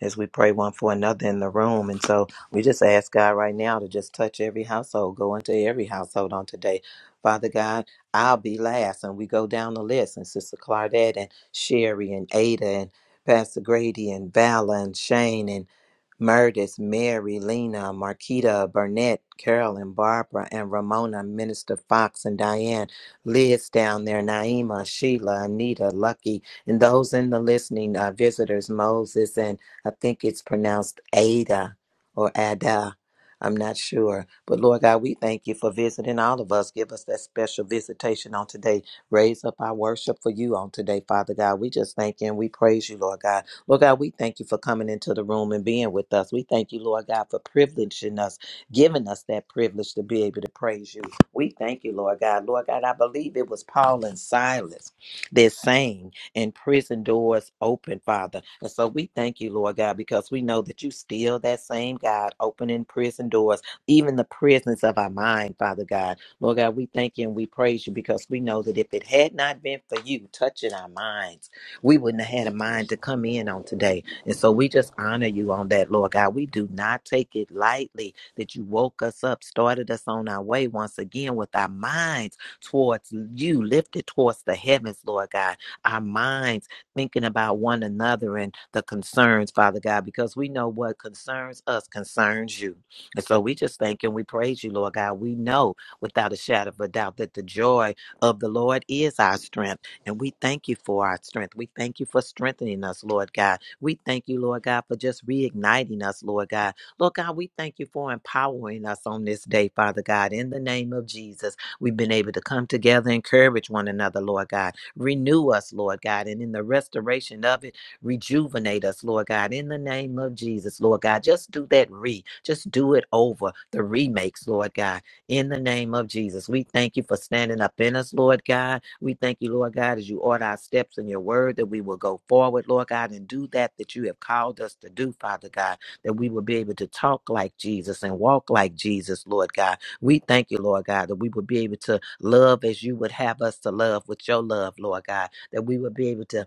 [SPEAKER 2] as we pray one for another in the room. And so we just ask God right now to just touch every household, go into every household on today. Father God, I'll be last. And we go down the list, and Sister Claudette and Sherry and Ada and Pastor Grady and Vala and Shane and Murdis, Mary, Lena, Marquita, Burnett, Carolyn, Barbara, and Ramona, Minister Fox and Diane, Liz down there, Naima, Sheila, Anita, Lucky, and those in the listening uh, visitors, Moses and I think it's pronounced Ada or Ada. I'm not sure. But Lord God, we thank you for visiting all of us. Give us that special visitation on today. Raise up our worship for you on today, Father God. We just thank you and we praise you, Lord God. Lord God, we thank you for coming into the room and being with us. We thank you, Lord God, for privileging us, giving us that privilege to be able to praise you. We thank you, Lord God. Lord God, I believe it was Paul and Silas, they're saying and prison doors open, Father. And so we thank you, Lord God, because we know that you still that same God opening prison doors, even the prisons of our mind, Father God. Lord God, we thank you and we praise you because we know that if it had not been for you touching our minds, we wouldn't have had a mind to come in on today. And so we just honor you on that, Lord God. We do not take it lightly that you woke us up, started us on our way once again with our minds towards you, lifted towards the heavens, Lord God our minds thinking about one another and the concerns, Father God, because we know what concerns us concerns you. And so we just thank you and we praise you, Lord God. We know without a shadow of a doubt that the joy of the Lord is our strength. And we thank you for our strength. We thank you for strengthening us, Lord God. We thank you, Lord God, for just reigniting us, Lord God. Lord God, we thank you for empowering us on this day, Father God. In the name of Jesus, we've been able to come together, encourage one another, Lord God. Renew us, Lord God, and in the restoration of it, rejuvenate us, Lord God, in the name of Jesus, Lord God. Just do that re, just do it over the remakes, Lord God, in the name of Jesus. We thank you for standing up in us, Lord God. We thank you, Lord God, as you order our steps in your word that we will go forward, Lord God, and do that that you have called us to do, Father God, that we will be able to talk like Jesus and walk like Jesus, Lord God. We thank you, Lord God, that we will be able to love as you would have us to love with your love, Lord God, that we would be able to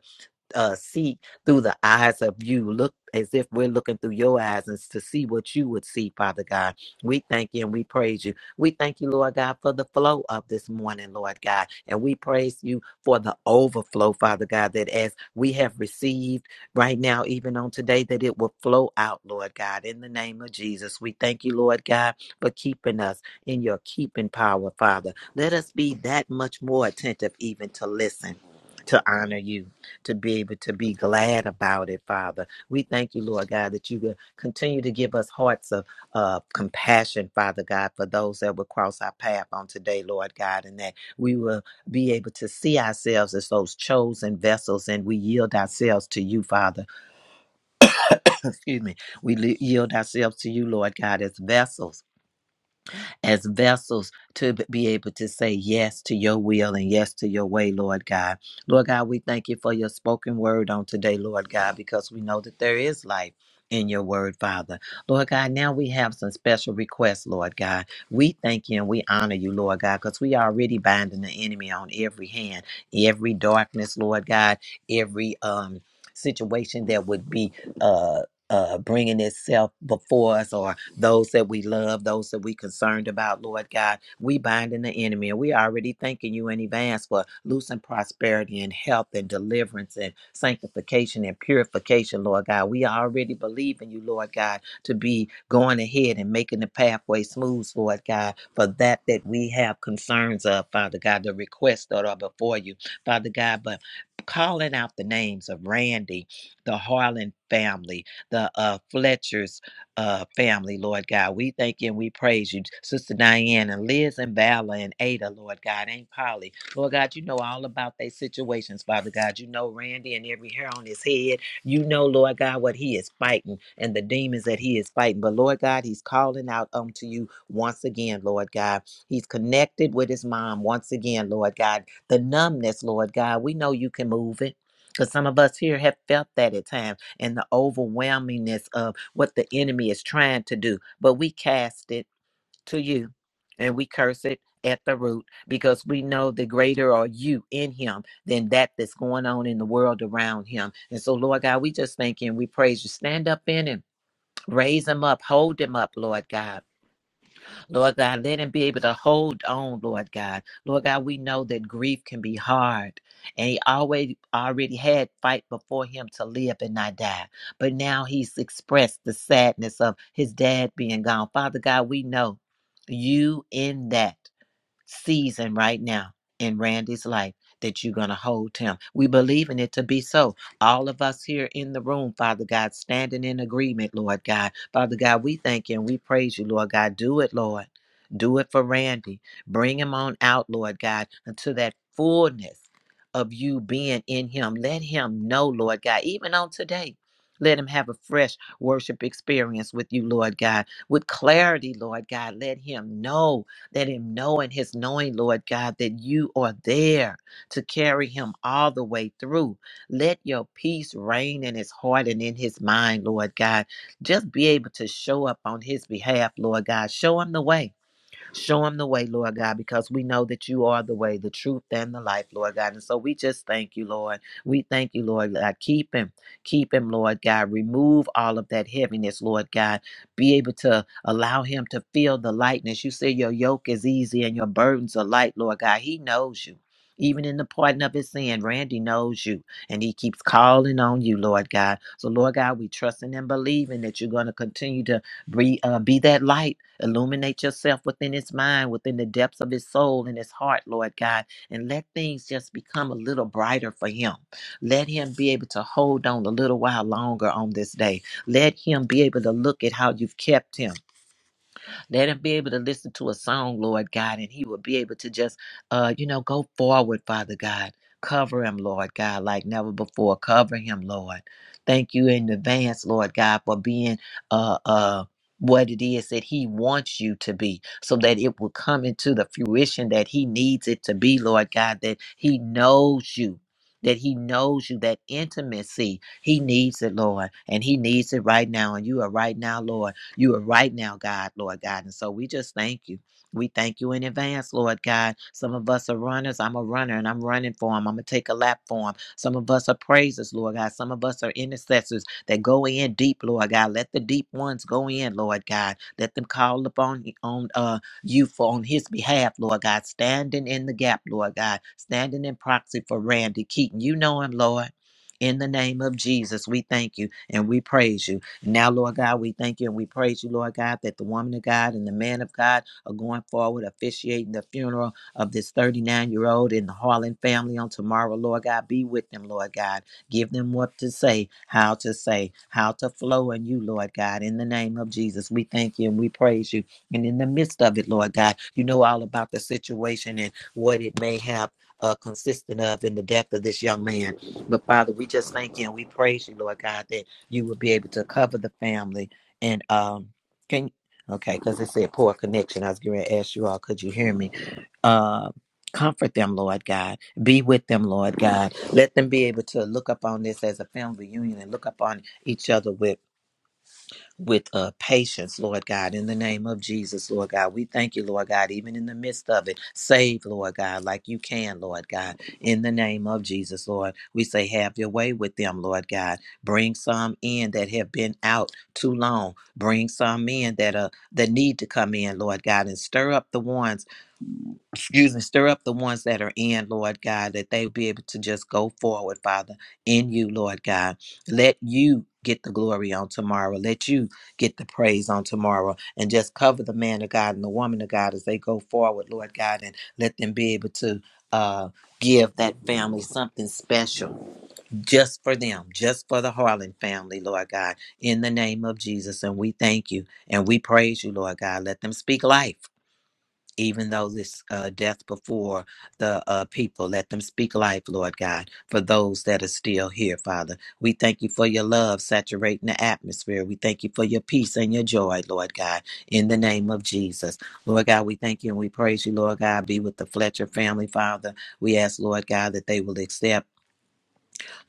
[SPEAKER 2] uh, see through the eyes of you. Look as if we're looking through your eyes and to see what you would see, Father God. We thank you and we praise you. We thank you, Lord God, for the flow of this morning, Lord God. And we praise you for the overflow, Father God, that as we have received right now, even on today, that it will flow out, Lord God, in the name of Jesus. We thank you, Lord God, for keeping us in your keeping power, Father. Let us be that much more attentive, even to listen, to honor you to be able to be glad about it, Father. We thank you, Lord God, that you will continue to give us hearts of uh, compassion, Father God, for those that will cross our path on today, Lord God, and that we will be able to see ourselves as those chosen vessels and we yield ourselves to you, Father. Excuse me. We li- yield ourselves to you, Lord God, as vessels as vessels to b- be able to say yes to your will and yes to your way, Lord God. Lord God, we thank you for your spoken word on today, Lord God, because we know that there is life. In your word, Father. Lord God, now we have some special requests, Lord God. We thank you and we honor you, Lord God, because we already binding the enemy on every hand, every darkness, Lord God, every um situation that would be uh uh bringing itself before us or those that we love, those that we concerned about, Lord God. We binding the enemy, and we already thanking you in advance for loosing prosperity and health and deliverance and sanctification and purification, Lord God. We already believe in you, Lord God, to be going ahead and making the pathway smooth, Lord God, for that that we have concerns of, Father God, the requests that are before you, Father God, but calling out the names of Randy, the Harlan family, the uh, Fletchers, uh, family, Lord God. We thank you and we praise you, Sister Diane and Liz and Vala and Ada, Lord God, Aunt Polly. Lord God, you know all about their situations, Father God. You know Randy and every hair on his head. You know, Lord God, what he is fighting and the demons that he is fighting. But Lord God, he's calling out unto you once again, Lord God. He's connected with his mom once again, Lord God. The numbness, Lord God, we know you can move it. Because some of us here have felt that at times and the overwhelmingness of what the enemy is trying to do. But we cast it to you and we curse it at the root because we know the greater are you in him than that that's going on in the world around him. And so, Lord God, we just thank you and we praise you. Stand up in him, raise him up, hold him up, Lord God. Lord God, let him be able to hold on, Lord God. Lord God, we know that grief can be hard. And he always already had fight before him to live and not die. But now he's expressed the sadness of his dad being gone. Father God, we know you in that season right now in Randy's life that you're going to hold him. We believe in it to be so. All of us here in the room, Father God, standing in agreement, Lord God. Father God, we thank you and we praise you, Lord God. Do it, Lord. Do it for Randy. Bring him on out, Lord God, until that fullness of you being in him. Let him know, Lord God, even on today. Let him have a fresh worship experience with you, Lord God, with clarity, Lord God. Let him know let him know in his knowing, Lord God, that you are there to carry him all the way through. Let your peace reign in his heart and in his mind, Lord God. Just be able to show up on his behalf, Lord God. Show him the way. Show them the way, Lord God, because we know that you are the way, the truth, and the life, Lord God. And so we just thank you, Lord. We thank you, Lord God. Keep him, keep him, Lord God. Remove all of that heaviness, Lord God. Be able to allow him to feel the lightness. You say your yoke is easy and your burdens are light, Lord God. He knows you. Even in the pardon of his sin, Randy knows you and he keeps calling on you, Lord God. So, Lord God, we trusting and believing that you're going to continue to be, uh, be that light Illuminate yourself within his mind, within the depths of his soul and his heart, Lord God, and let things just become a little brighter for him. Let him be able to hold on a little while longer on this day. Let him be able to look at how you've kept him. Let him be able to listen to a song, Lord God, and he will be able to just, uh, you know, go forward, Father God. Cover him, Lord God, like never before. Cover him, Lord. Thank you in advance, Lord God, for being uh uh what it is that he wants you to be so that it will come into the fruition that he needs it to be, Lord God, that he knows you, that he knows you, that intimacy, he needs it, Lord, and he needs it right now. And you are right now, Lord. You are right now, God, Lord God. And so we just thank you. We thank you in advance, Lord God. Some of us are runners. I'm a runner and I'm running for him. I'm going to take a lap for him. Some of us are praisers, Lord God. Some of us are intercessors that go in deep, Lord God. Let the deep ones go in, Lord God. Let them call upon on uh, you for on his behalf, Lord God. Standing in the gap, Lord God. Standing in proxy for Randy Keaton. You know him, Lord. In the name of Jesus, we thank you and we praise you. Now, Lord God, we thank you and we praise you, Lord God, that the woman of God and the man of God are going forward, officiating the funeral of this 39 year old in the Harlan family on tomorrow, Lord God. Be with them, Lord God. Give them what to say, how to say, how to flow in you, Lord God. In the name of Jesus, we thank you and we praise you. And in the midst of it, Lord God, you know all about the situation and what it may have. Uh, consisted of in the death of this young man. But Father, we just thank you and we praise you, Lord God, that you would be able to cover the family. And um, can okay, because it said poor connection. I was going to ask you all, could you hear me? Uh, comfort them, Lord God. Be with them, Lord God. Let them be able to look up on this as a family reunion and look up on each other with with uh, patience, Lord God, in the name of Jesus, Lord God. We thank you, Lord God, even in the midst of it. Save, Lord God, like you can, Lord God, in the name of Jesus, Lord. We say, have your way with them, Lord God. Bring some in that have been out too long. Bring some in that are that need to come in, Lord God, and stir up the ones excuse me, stir up the ones that are in, Lord God, that they'll be able to just go forward, Father, in you, Lord God. Let you get the glory on tomorrow. Let you get the praise on tomorrow. And just cover the man of God and the woman of God as they go forward, Lord God, and let them be able to uh give that family something special just for them just for the harlan family lord god in the name of jesus and we thank you and we praise you lord god let them speak life even though this uh, death before the uh, people. Let them speak life, Lord God, for those that are still here, Father. We thank you for your love saturating the atmosphere. We thank you for your peace and your joy, Lord God, in the name of Jesus. Lord God, we thank you and we praise you, Lord God. Be with the Fletcher family, Father. We ask, Lord God, that they will accept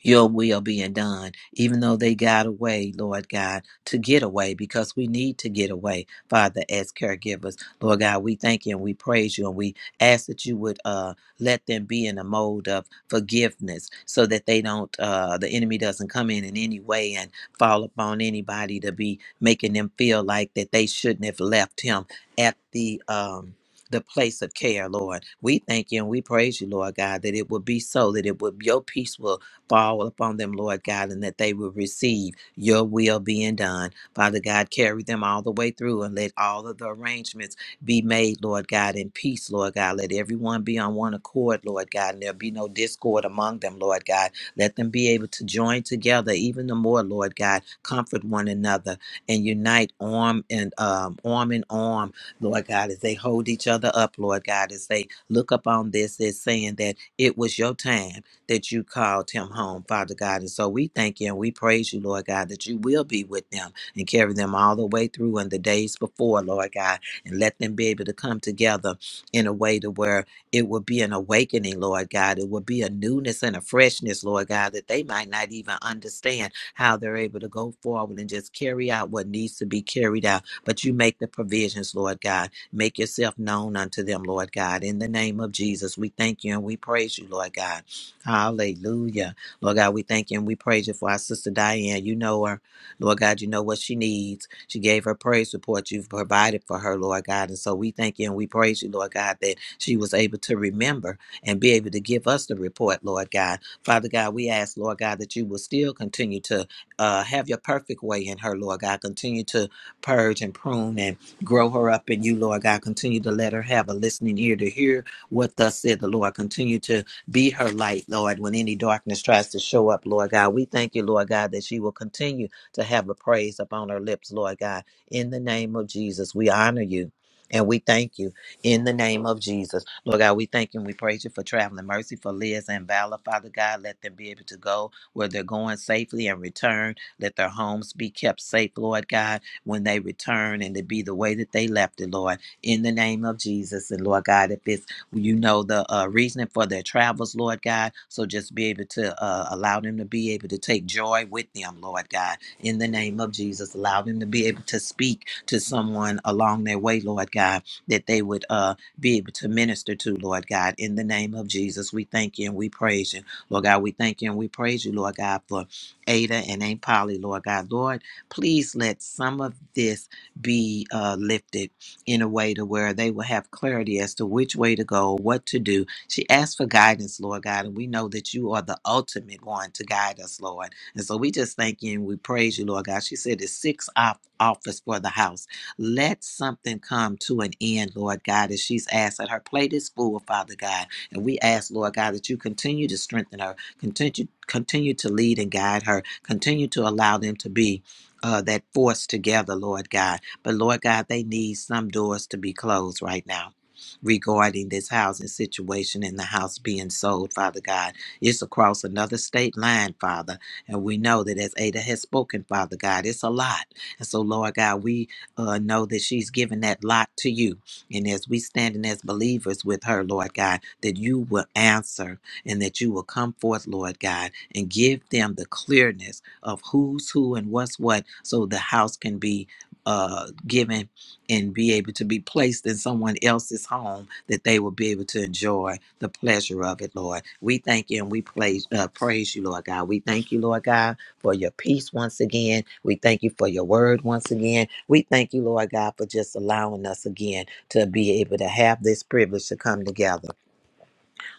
[SPEAKER 2] your will being done, even though they got away, Lord God, to get away because we need to get away, Father, as caregivers. Lord God, we thank you and we praise you and we ask that you would uh, let them be in a mode of forgiveness so that they don't, uh, the enemy doesn't come in in any way and fall upon anybody to be making them feel like that they shouldn't have left him at the, um, the place of care, Lord. We thank you and we praise you, Lord God, that it would be so, that it would your peace will fall upon them, Lord God, and that they will receive your will being done. Father God, carry them all the way through and let all of the arrangements be made, Lord God, in peace, Lord God. Let everyone be on one accord, Lord God, and there'll be no discord among them, Lord God. Let them be able to join together even the more, Lord God, comfort one another and unite arm and um, arm in arm, Lord God, as they hold each other up, Lord God, as they look up on this as saying that it was your time that you called him home, Father God. And so we thank you and we praise you, Lord God, that you will be with them and carry them all the way through and the days before, Lord God, and let them be able to come together in a way to where it will be an awakening, Lord God. It will be a newness and a freshness, Lord God, that they might not even understand how they're able to go forward and just carry out what needs to be carried out. But you make the provisions, Lord God. Make yourself known unto them, Lord God. In the name of Jesus, we thank you and we praise you, Lord God. Hallelujah. Lord God, we thank you and we praise you for our sister Diane. You know her. Lord God, you know what she needs. She gave her praise report you've provided for her, Lord God. And so we thank you and we praise you, Lord God, that she was able to remember and be able to give us the report, Lord God. Father God, we ask, Lord God, that you will still continue to uh, have your perfect way in her, Lord God. Continue to purge and prune and grow her up in you, Lord God. Continue to let her have a listening ear to hear what thus said the Lord. Continue to be her light, Lord, when any darkness tries to show up, Lord God. We thank you, Lord God, that she will continue to have a praise upon her lips, Lord God. In the name of Jesus, we honor you. And we thank you in the name of Jesus. Lord God, we thank you and we praise you for traveling mercy for Liz and Valor. Father God, let them be able to go where they're going safely and return. Let their homes be kept safe, Lord God, when they return and it be the way that they left it, Lord in the name of Jesus. And Lord God, if it's you know the uh, reasoning for their travels, Lord God. So just be able to uh, allow them to be able to take joy with them, Lord God. In the name of Jesus, allow them to be able to speak to someone along their way, Lord God, that they would uh, be able to minister to, Lord God. In the name of Jesus, we thank you and we praise you, Lord God. We thank you and we praise you, Lord God, for Ada and Aunt Polly, Lord God. Lord, please let some of this be uh, lifted in a way to where they will have clarity as to which way to go, what to do. She asked for guidance, Lord God, and we know that you are the ultimate one to guide us, Lord. And so we just thank you and we praise you, Lord God. She said it's six off office for the house. Let something come to an end, Lord God, as she's asked that her plate is full, Father God. And we ask, Lord God, that you continue to strengthen her, continue continue to lead and guide her, continue to allow them to be uh, that force together, Lord God but Lord God, they need some doors to be closed right now regarding this housing situation and the house being sold, Father God. It's across another state line, Father. And we know that as Ada has spoken, Father God, it's a lot. And so, Lord God, we uh, know that she's given that lot to you. And as we standing as believers with her, Lord God, that you will answer and that you will come forth, Lord God, and give them the clearness of who's who and what's what so the house can be uh, given and be able to be placed in someone else's home that they will be able to enjoy the pleasure of it, Lord. We thank you and we praise, uh, praise you, Lord God. We thank you, Lord God, for your peace once again. We thank you for your word once again. We thank you, Lord God, for just allowing us again to be able to have this privilege to come together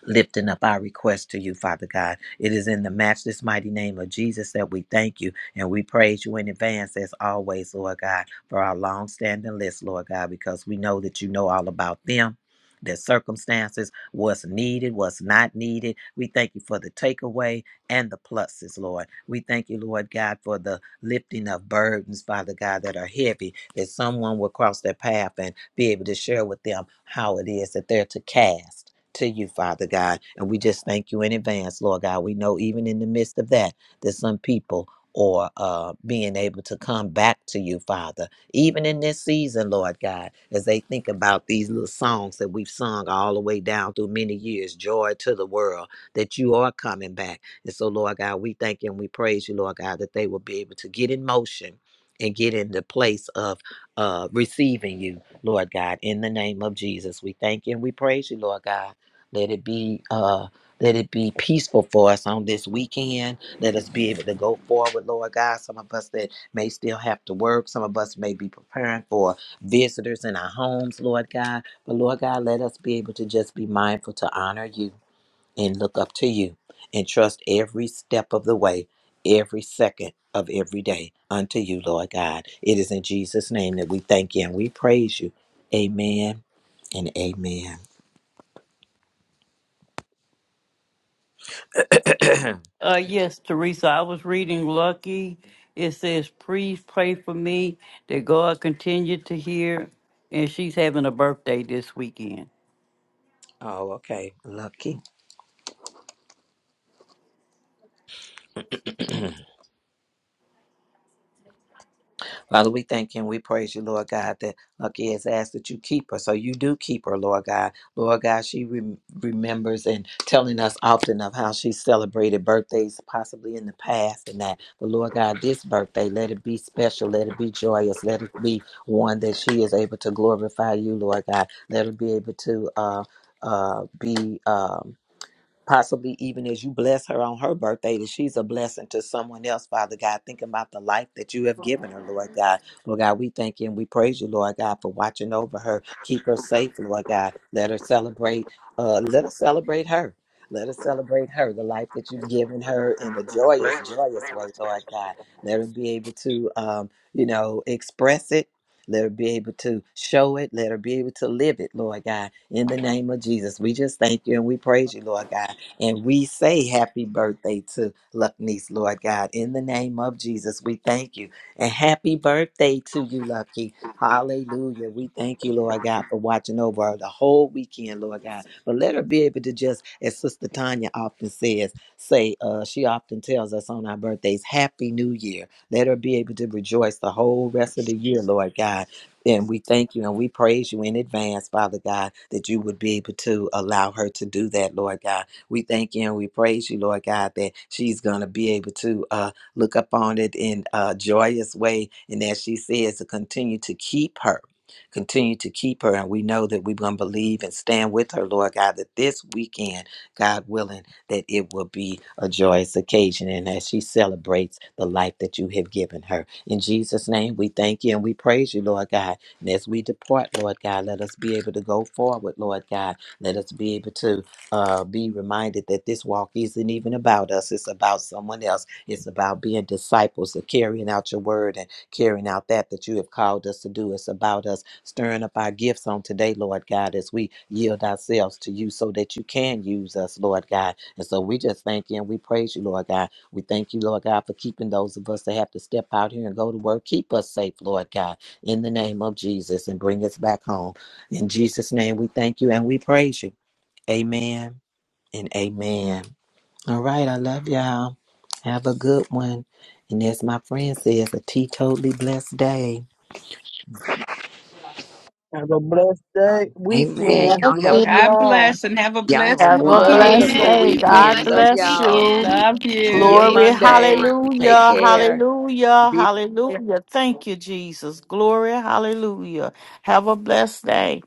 [SPEAKER 2] lifting up our request to you, Father God. It is in the matchless mighty name of Jesus that we thank you and we praise you in advance, as always, Lord God, for our long standing list, Lord God, because we know that you know all about them. Their circumstances, what's needed, what's not needed. We thank you for the takeaway and the pluses, Lord. We thank you, Lord God, for the lifting of burdens, Father God, that are heavy, that someone will cross their path and be able to share with them how it is that they're to cast to you, Father God. And we just thank you in advance, Lord God. We know even in the midst of that, that some people are uh, being able to come back to you, Father, even in this season, Lord God, as they think about these little songs that we've sung all the way down through many years, joy to the world, that you are coming back. And so, Lord God, we thank you and we praise you, Lord God, that they will be able to get in motion and get in the place of uh, receiving you, Lord God, in the name of Jesus. We thank you and we praise you, Lord God let it be uh let it be peaceful for us on this weekend. Let us be able to go forward, Lord God. Some of us that may still have to work, some of us may be preparing for visitors in our homes, Lord God. But Lord God, let us be able to just be mindful to honor you and look up to you and trust every step of the way, every second of every day unto you, Lord God. It is in Jesus' name that we thank you and we praise you. Amen and amen.
[SPEAKER 15] Uh, yes, Teresa, I was reading Lucky. It says, Please pray for me that God continue to hear. And she's having a birthday this weekend.
[SPEAKER 2] Oh, okay. Lucky. Father, we thank you and we praise you, Lord God, that Lucky has asked that you keep her. So you do keep her, Lord God. Lord God, she rem remembers and telling us often of how she celebrated birthdays possibly in the past and that. But Lord God, this birthday, let it be special. Let it be joyous. Let it be one that she is able to glorify you, Lord God. Let her be able to uh, uh, be. Um, possibly even as you bless her on her birthday, that she's a blessing to someone else, Father God. Thinking about the life that you have given her, Lord God. Lord God, we thank you and we praise you, Lord God, for watching over her. Keep her safe, Lord God. Let her celebrate, uh, let us celebrate her. Let us celebrate her, the life that you've given her in a joyous, joyous way, Lord God. Let her be able to, um, you know, express it. Let her be able to show it. Let her be able to live it, Lord God. In the name of Jesus, we just thank you and we praise you, Lord God. And we say happy birthday to Luck Lord God. In the name of Jesus, we thank you. And happy birthday to you, Lucky. Hallelujah. We thank you, Lord God, for watching over her the whole weekend, Lord God. But let her be able to just, as Sister Tanya often says, say, uh, she often tells us on our birthdays, Happy New Year. Let her be able to rejoice the whole rest of the year, Lord God. And we thank you and we praise you in advance, Father God, that you would be able to allow her to do that, Lord God we thank you and we praise you, Lord God, that she's going to be able to uh, look up on it in a joyous way. And as she says, to continue to keep her. Continue to keep her, and we know that we're going to believe and stand with her, Lord God, that this weekend, God willing, that it will be a joyous occasion and as she celebrates the life that you have given her. In Jesus' name, we thank you and we praise you, Lord God. And as we depart, Lord God, let us be able to go forward, Lord God. Let us be able to uh, be reminded that this walk isn't even about us, it's about someone else. It's about being disciples of carrying out your word and carrying out that that you have called us to do. It's about us stirring up our gifts on today, Lord God, as we yield ourselves to you so that you can use us, Lord God. And so we just thank you and we praise you, Lord God. We thank you, Lord God, for keeping those of us that have to step out here and go to work. Keep us safe, Lord God, in the name of Jesus and bring us back home. In Jesus' name, we thank you and we praise you. Amen and amen. All right, I love y'all. Have a good one. And as my friend says, a teetotally blessed day.
[SPEAKER 7] Have a blessed day,
[SPEAKER 13] Amen.
[SPEAKER 7] weekend.
[SPEAKER 1] Love
[SPEAKER 13] Y'all have
[SPEAKER 7] Love
[SPEAKER 1] it.
[SPEAKER 9] God
[SPEAKER 7] y'all.
[SPEAKER 9] bless and have a
[SPEAKER 13] y'all have a
[SPEAKER 9] blessed
[SPEAKER 14] Have a
[SPEAKER 7] Praise
[SPEAKER 14] blessed
[SPEAKER 9] weekend.
[SPEAKER 13] wonderful
[SPEAKER 14] day.
[SPEAKER 10] Amen.
[SPEAKER 14] God
[SPEAKER 13] weekend.
[SPEAKER 10] Blessed
[SPEAKER 13] Love
[SPEAKER 14] bless
[SPEAKER 13] y'all.
[SPEAKER 14] you.
[SPEAKER 10] weekend.
[SPEAKER 9] Love
[SPEAKER 10] Be
[SPEAKER 13] See you
[SPEAKER 9] you.
[SPEAKER 14] Glory.
[SPEAKER 10] safe. Be
[SPEAKER 13] Monday.
[SPEAKER 10] warm.
[SPEAKER 13] Take
[SPEAKER 14] Hallelujah.
[SPEAKER 13] care.
[SPEAKER 14] Hallelujah.
[SPEAKER 13] Be
[SPEAKER 14] Hallelujah. Thank you, Jesus. Glory. Hallelujah. Have a blessed day.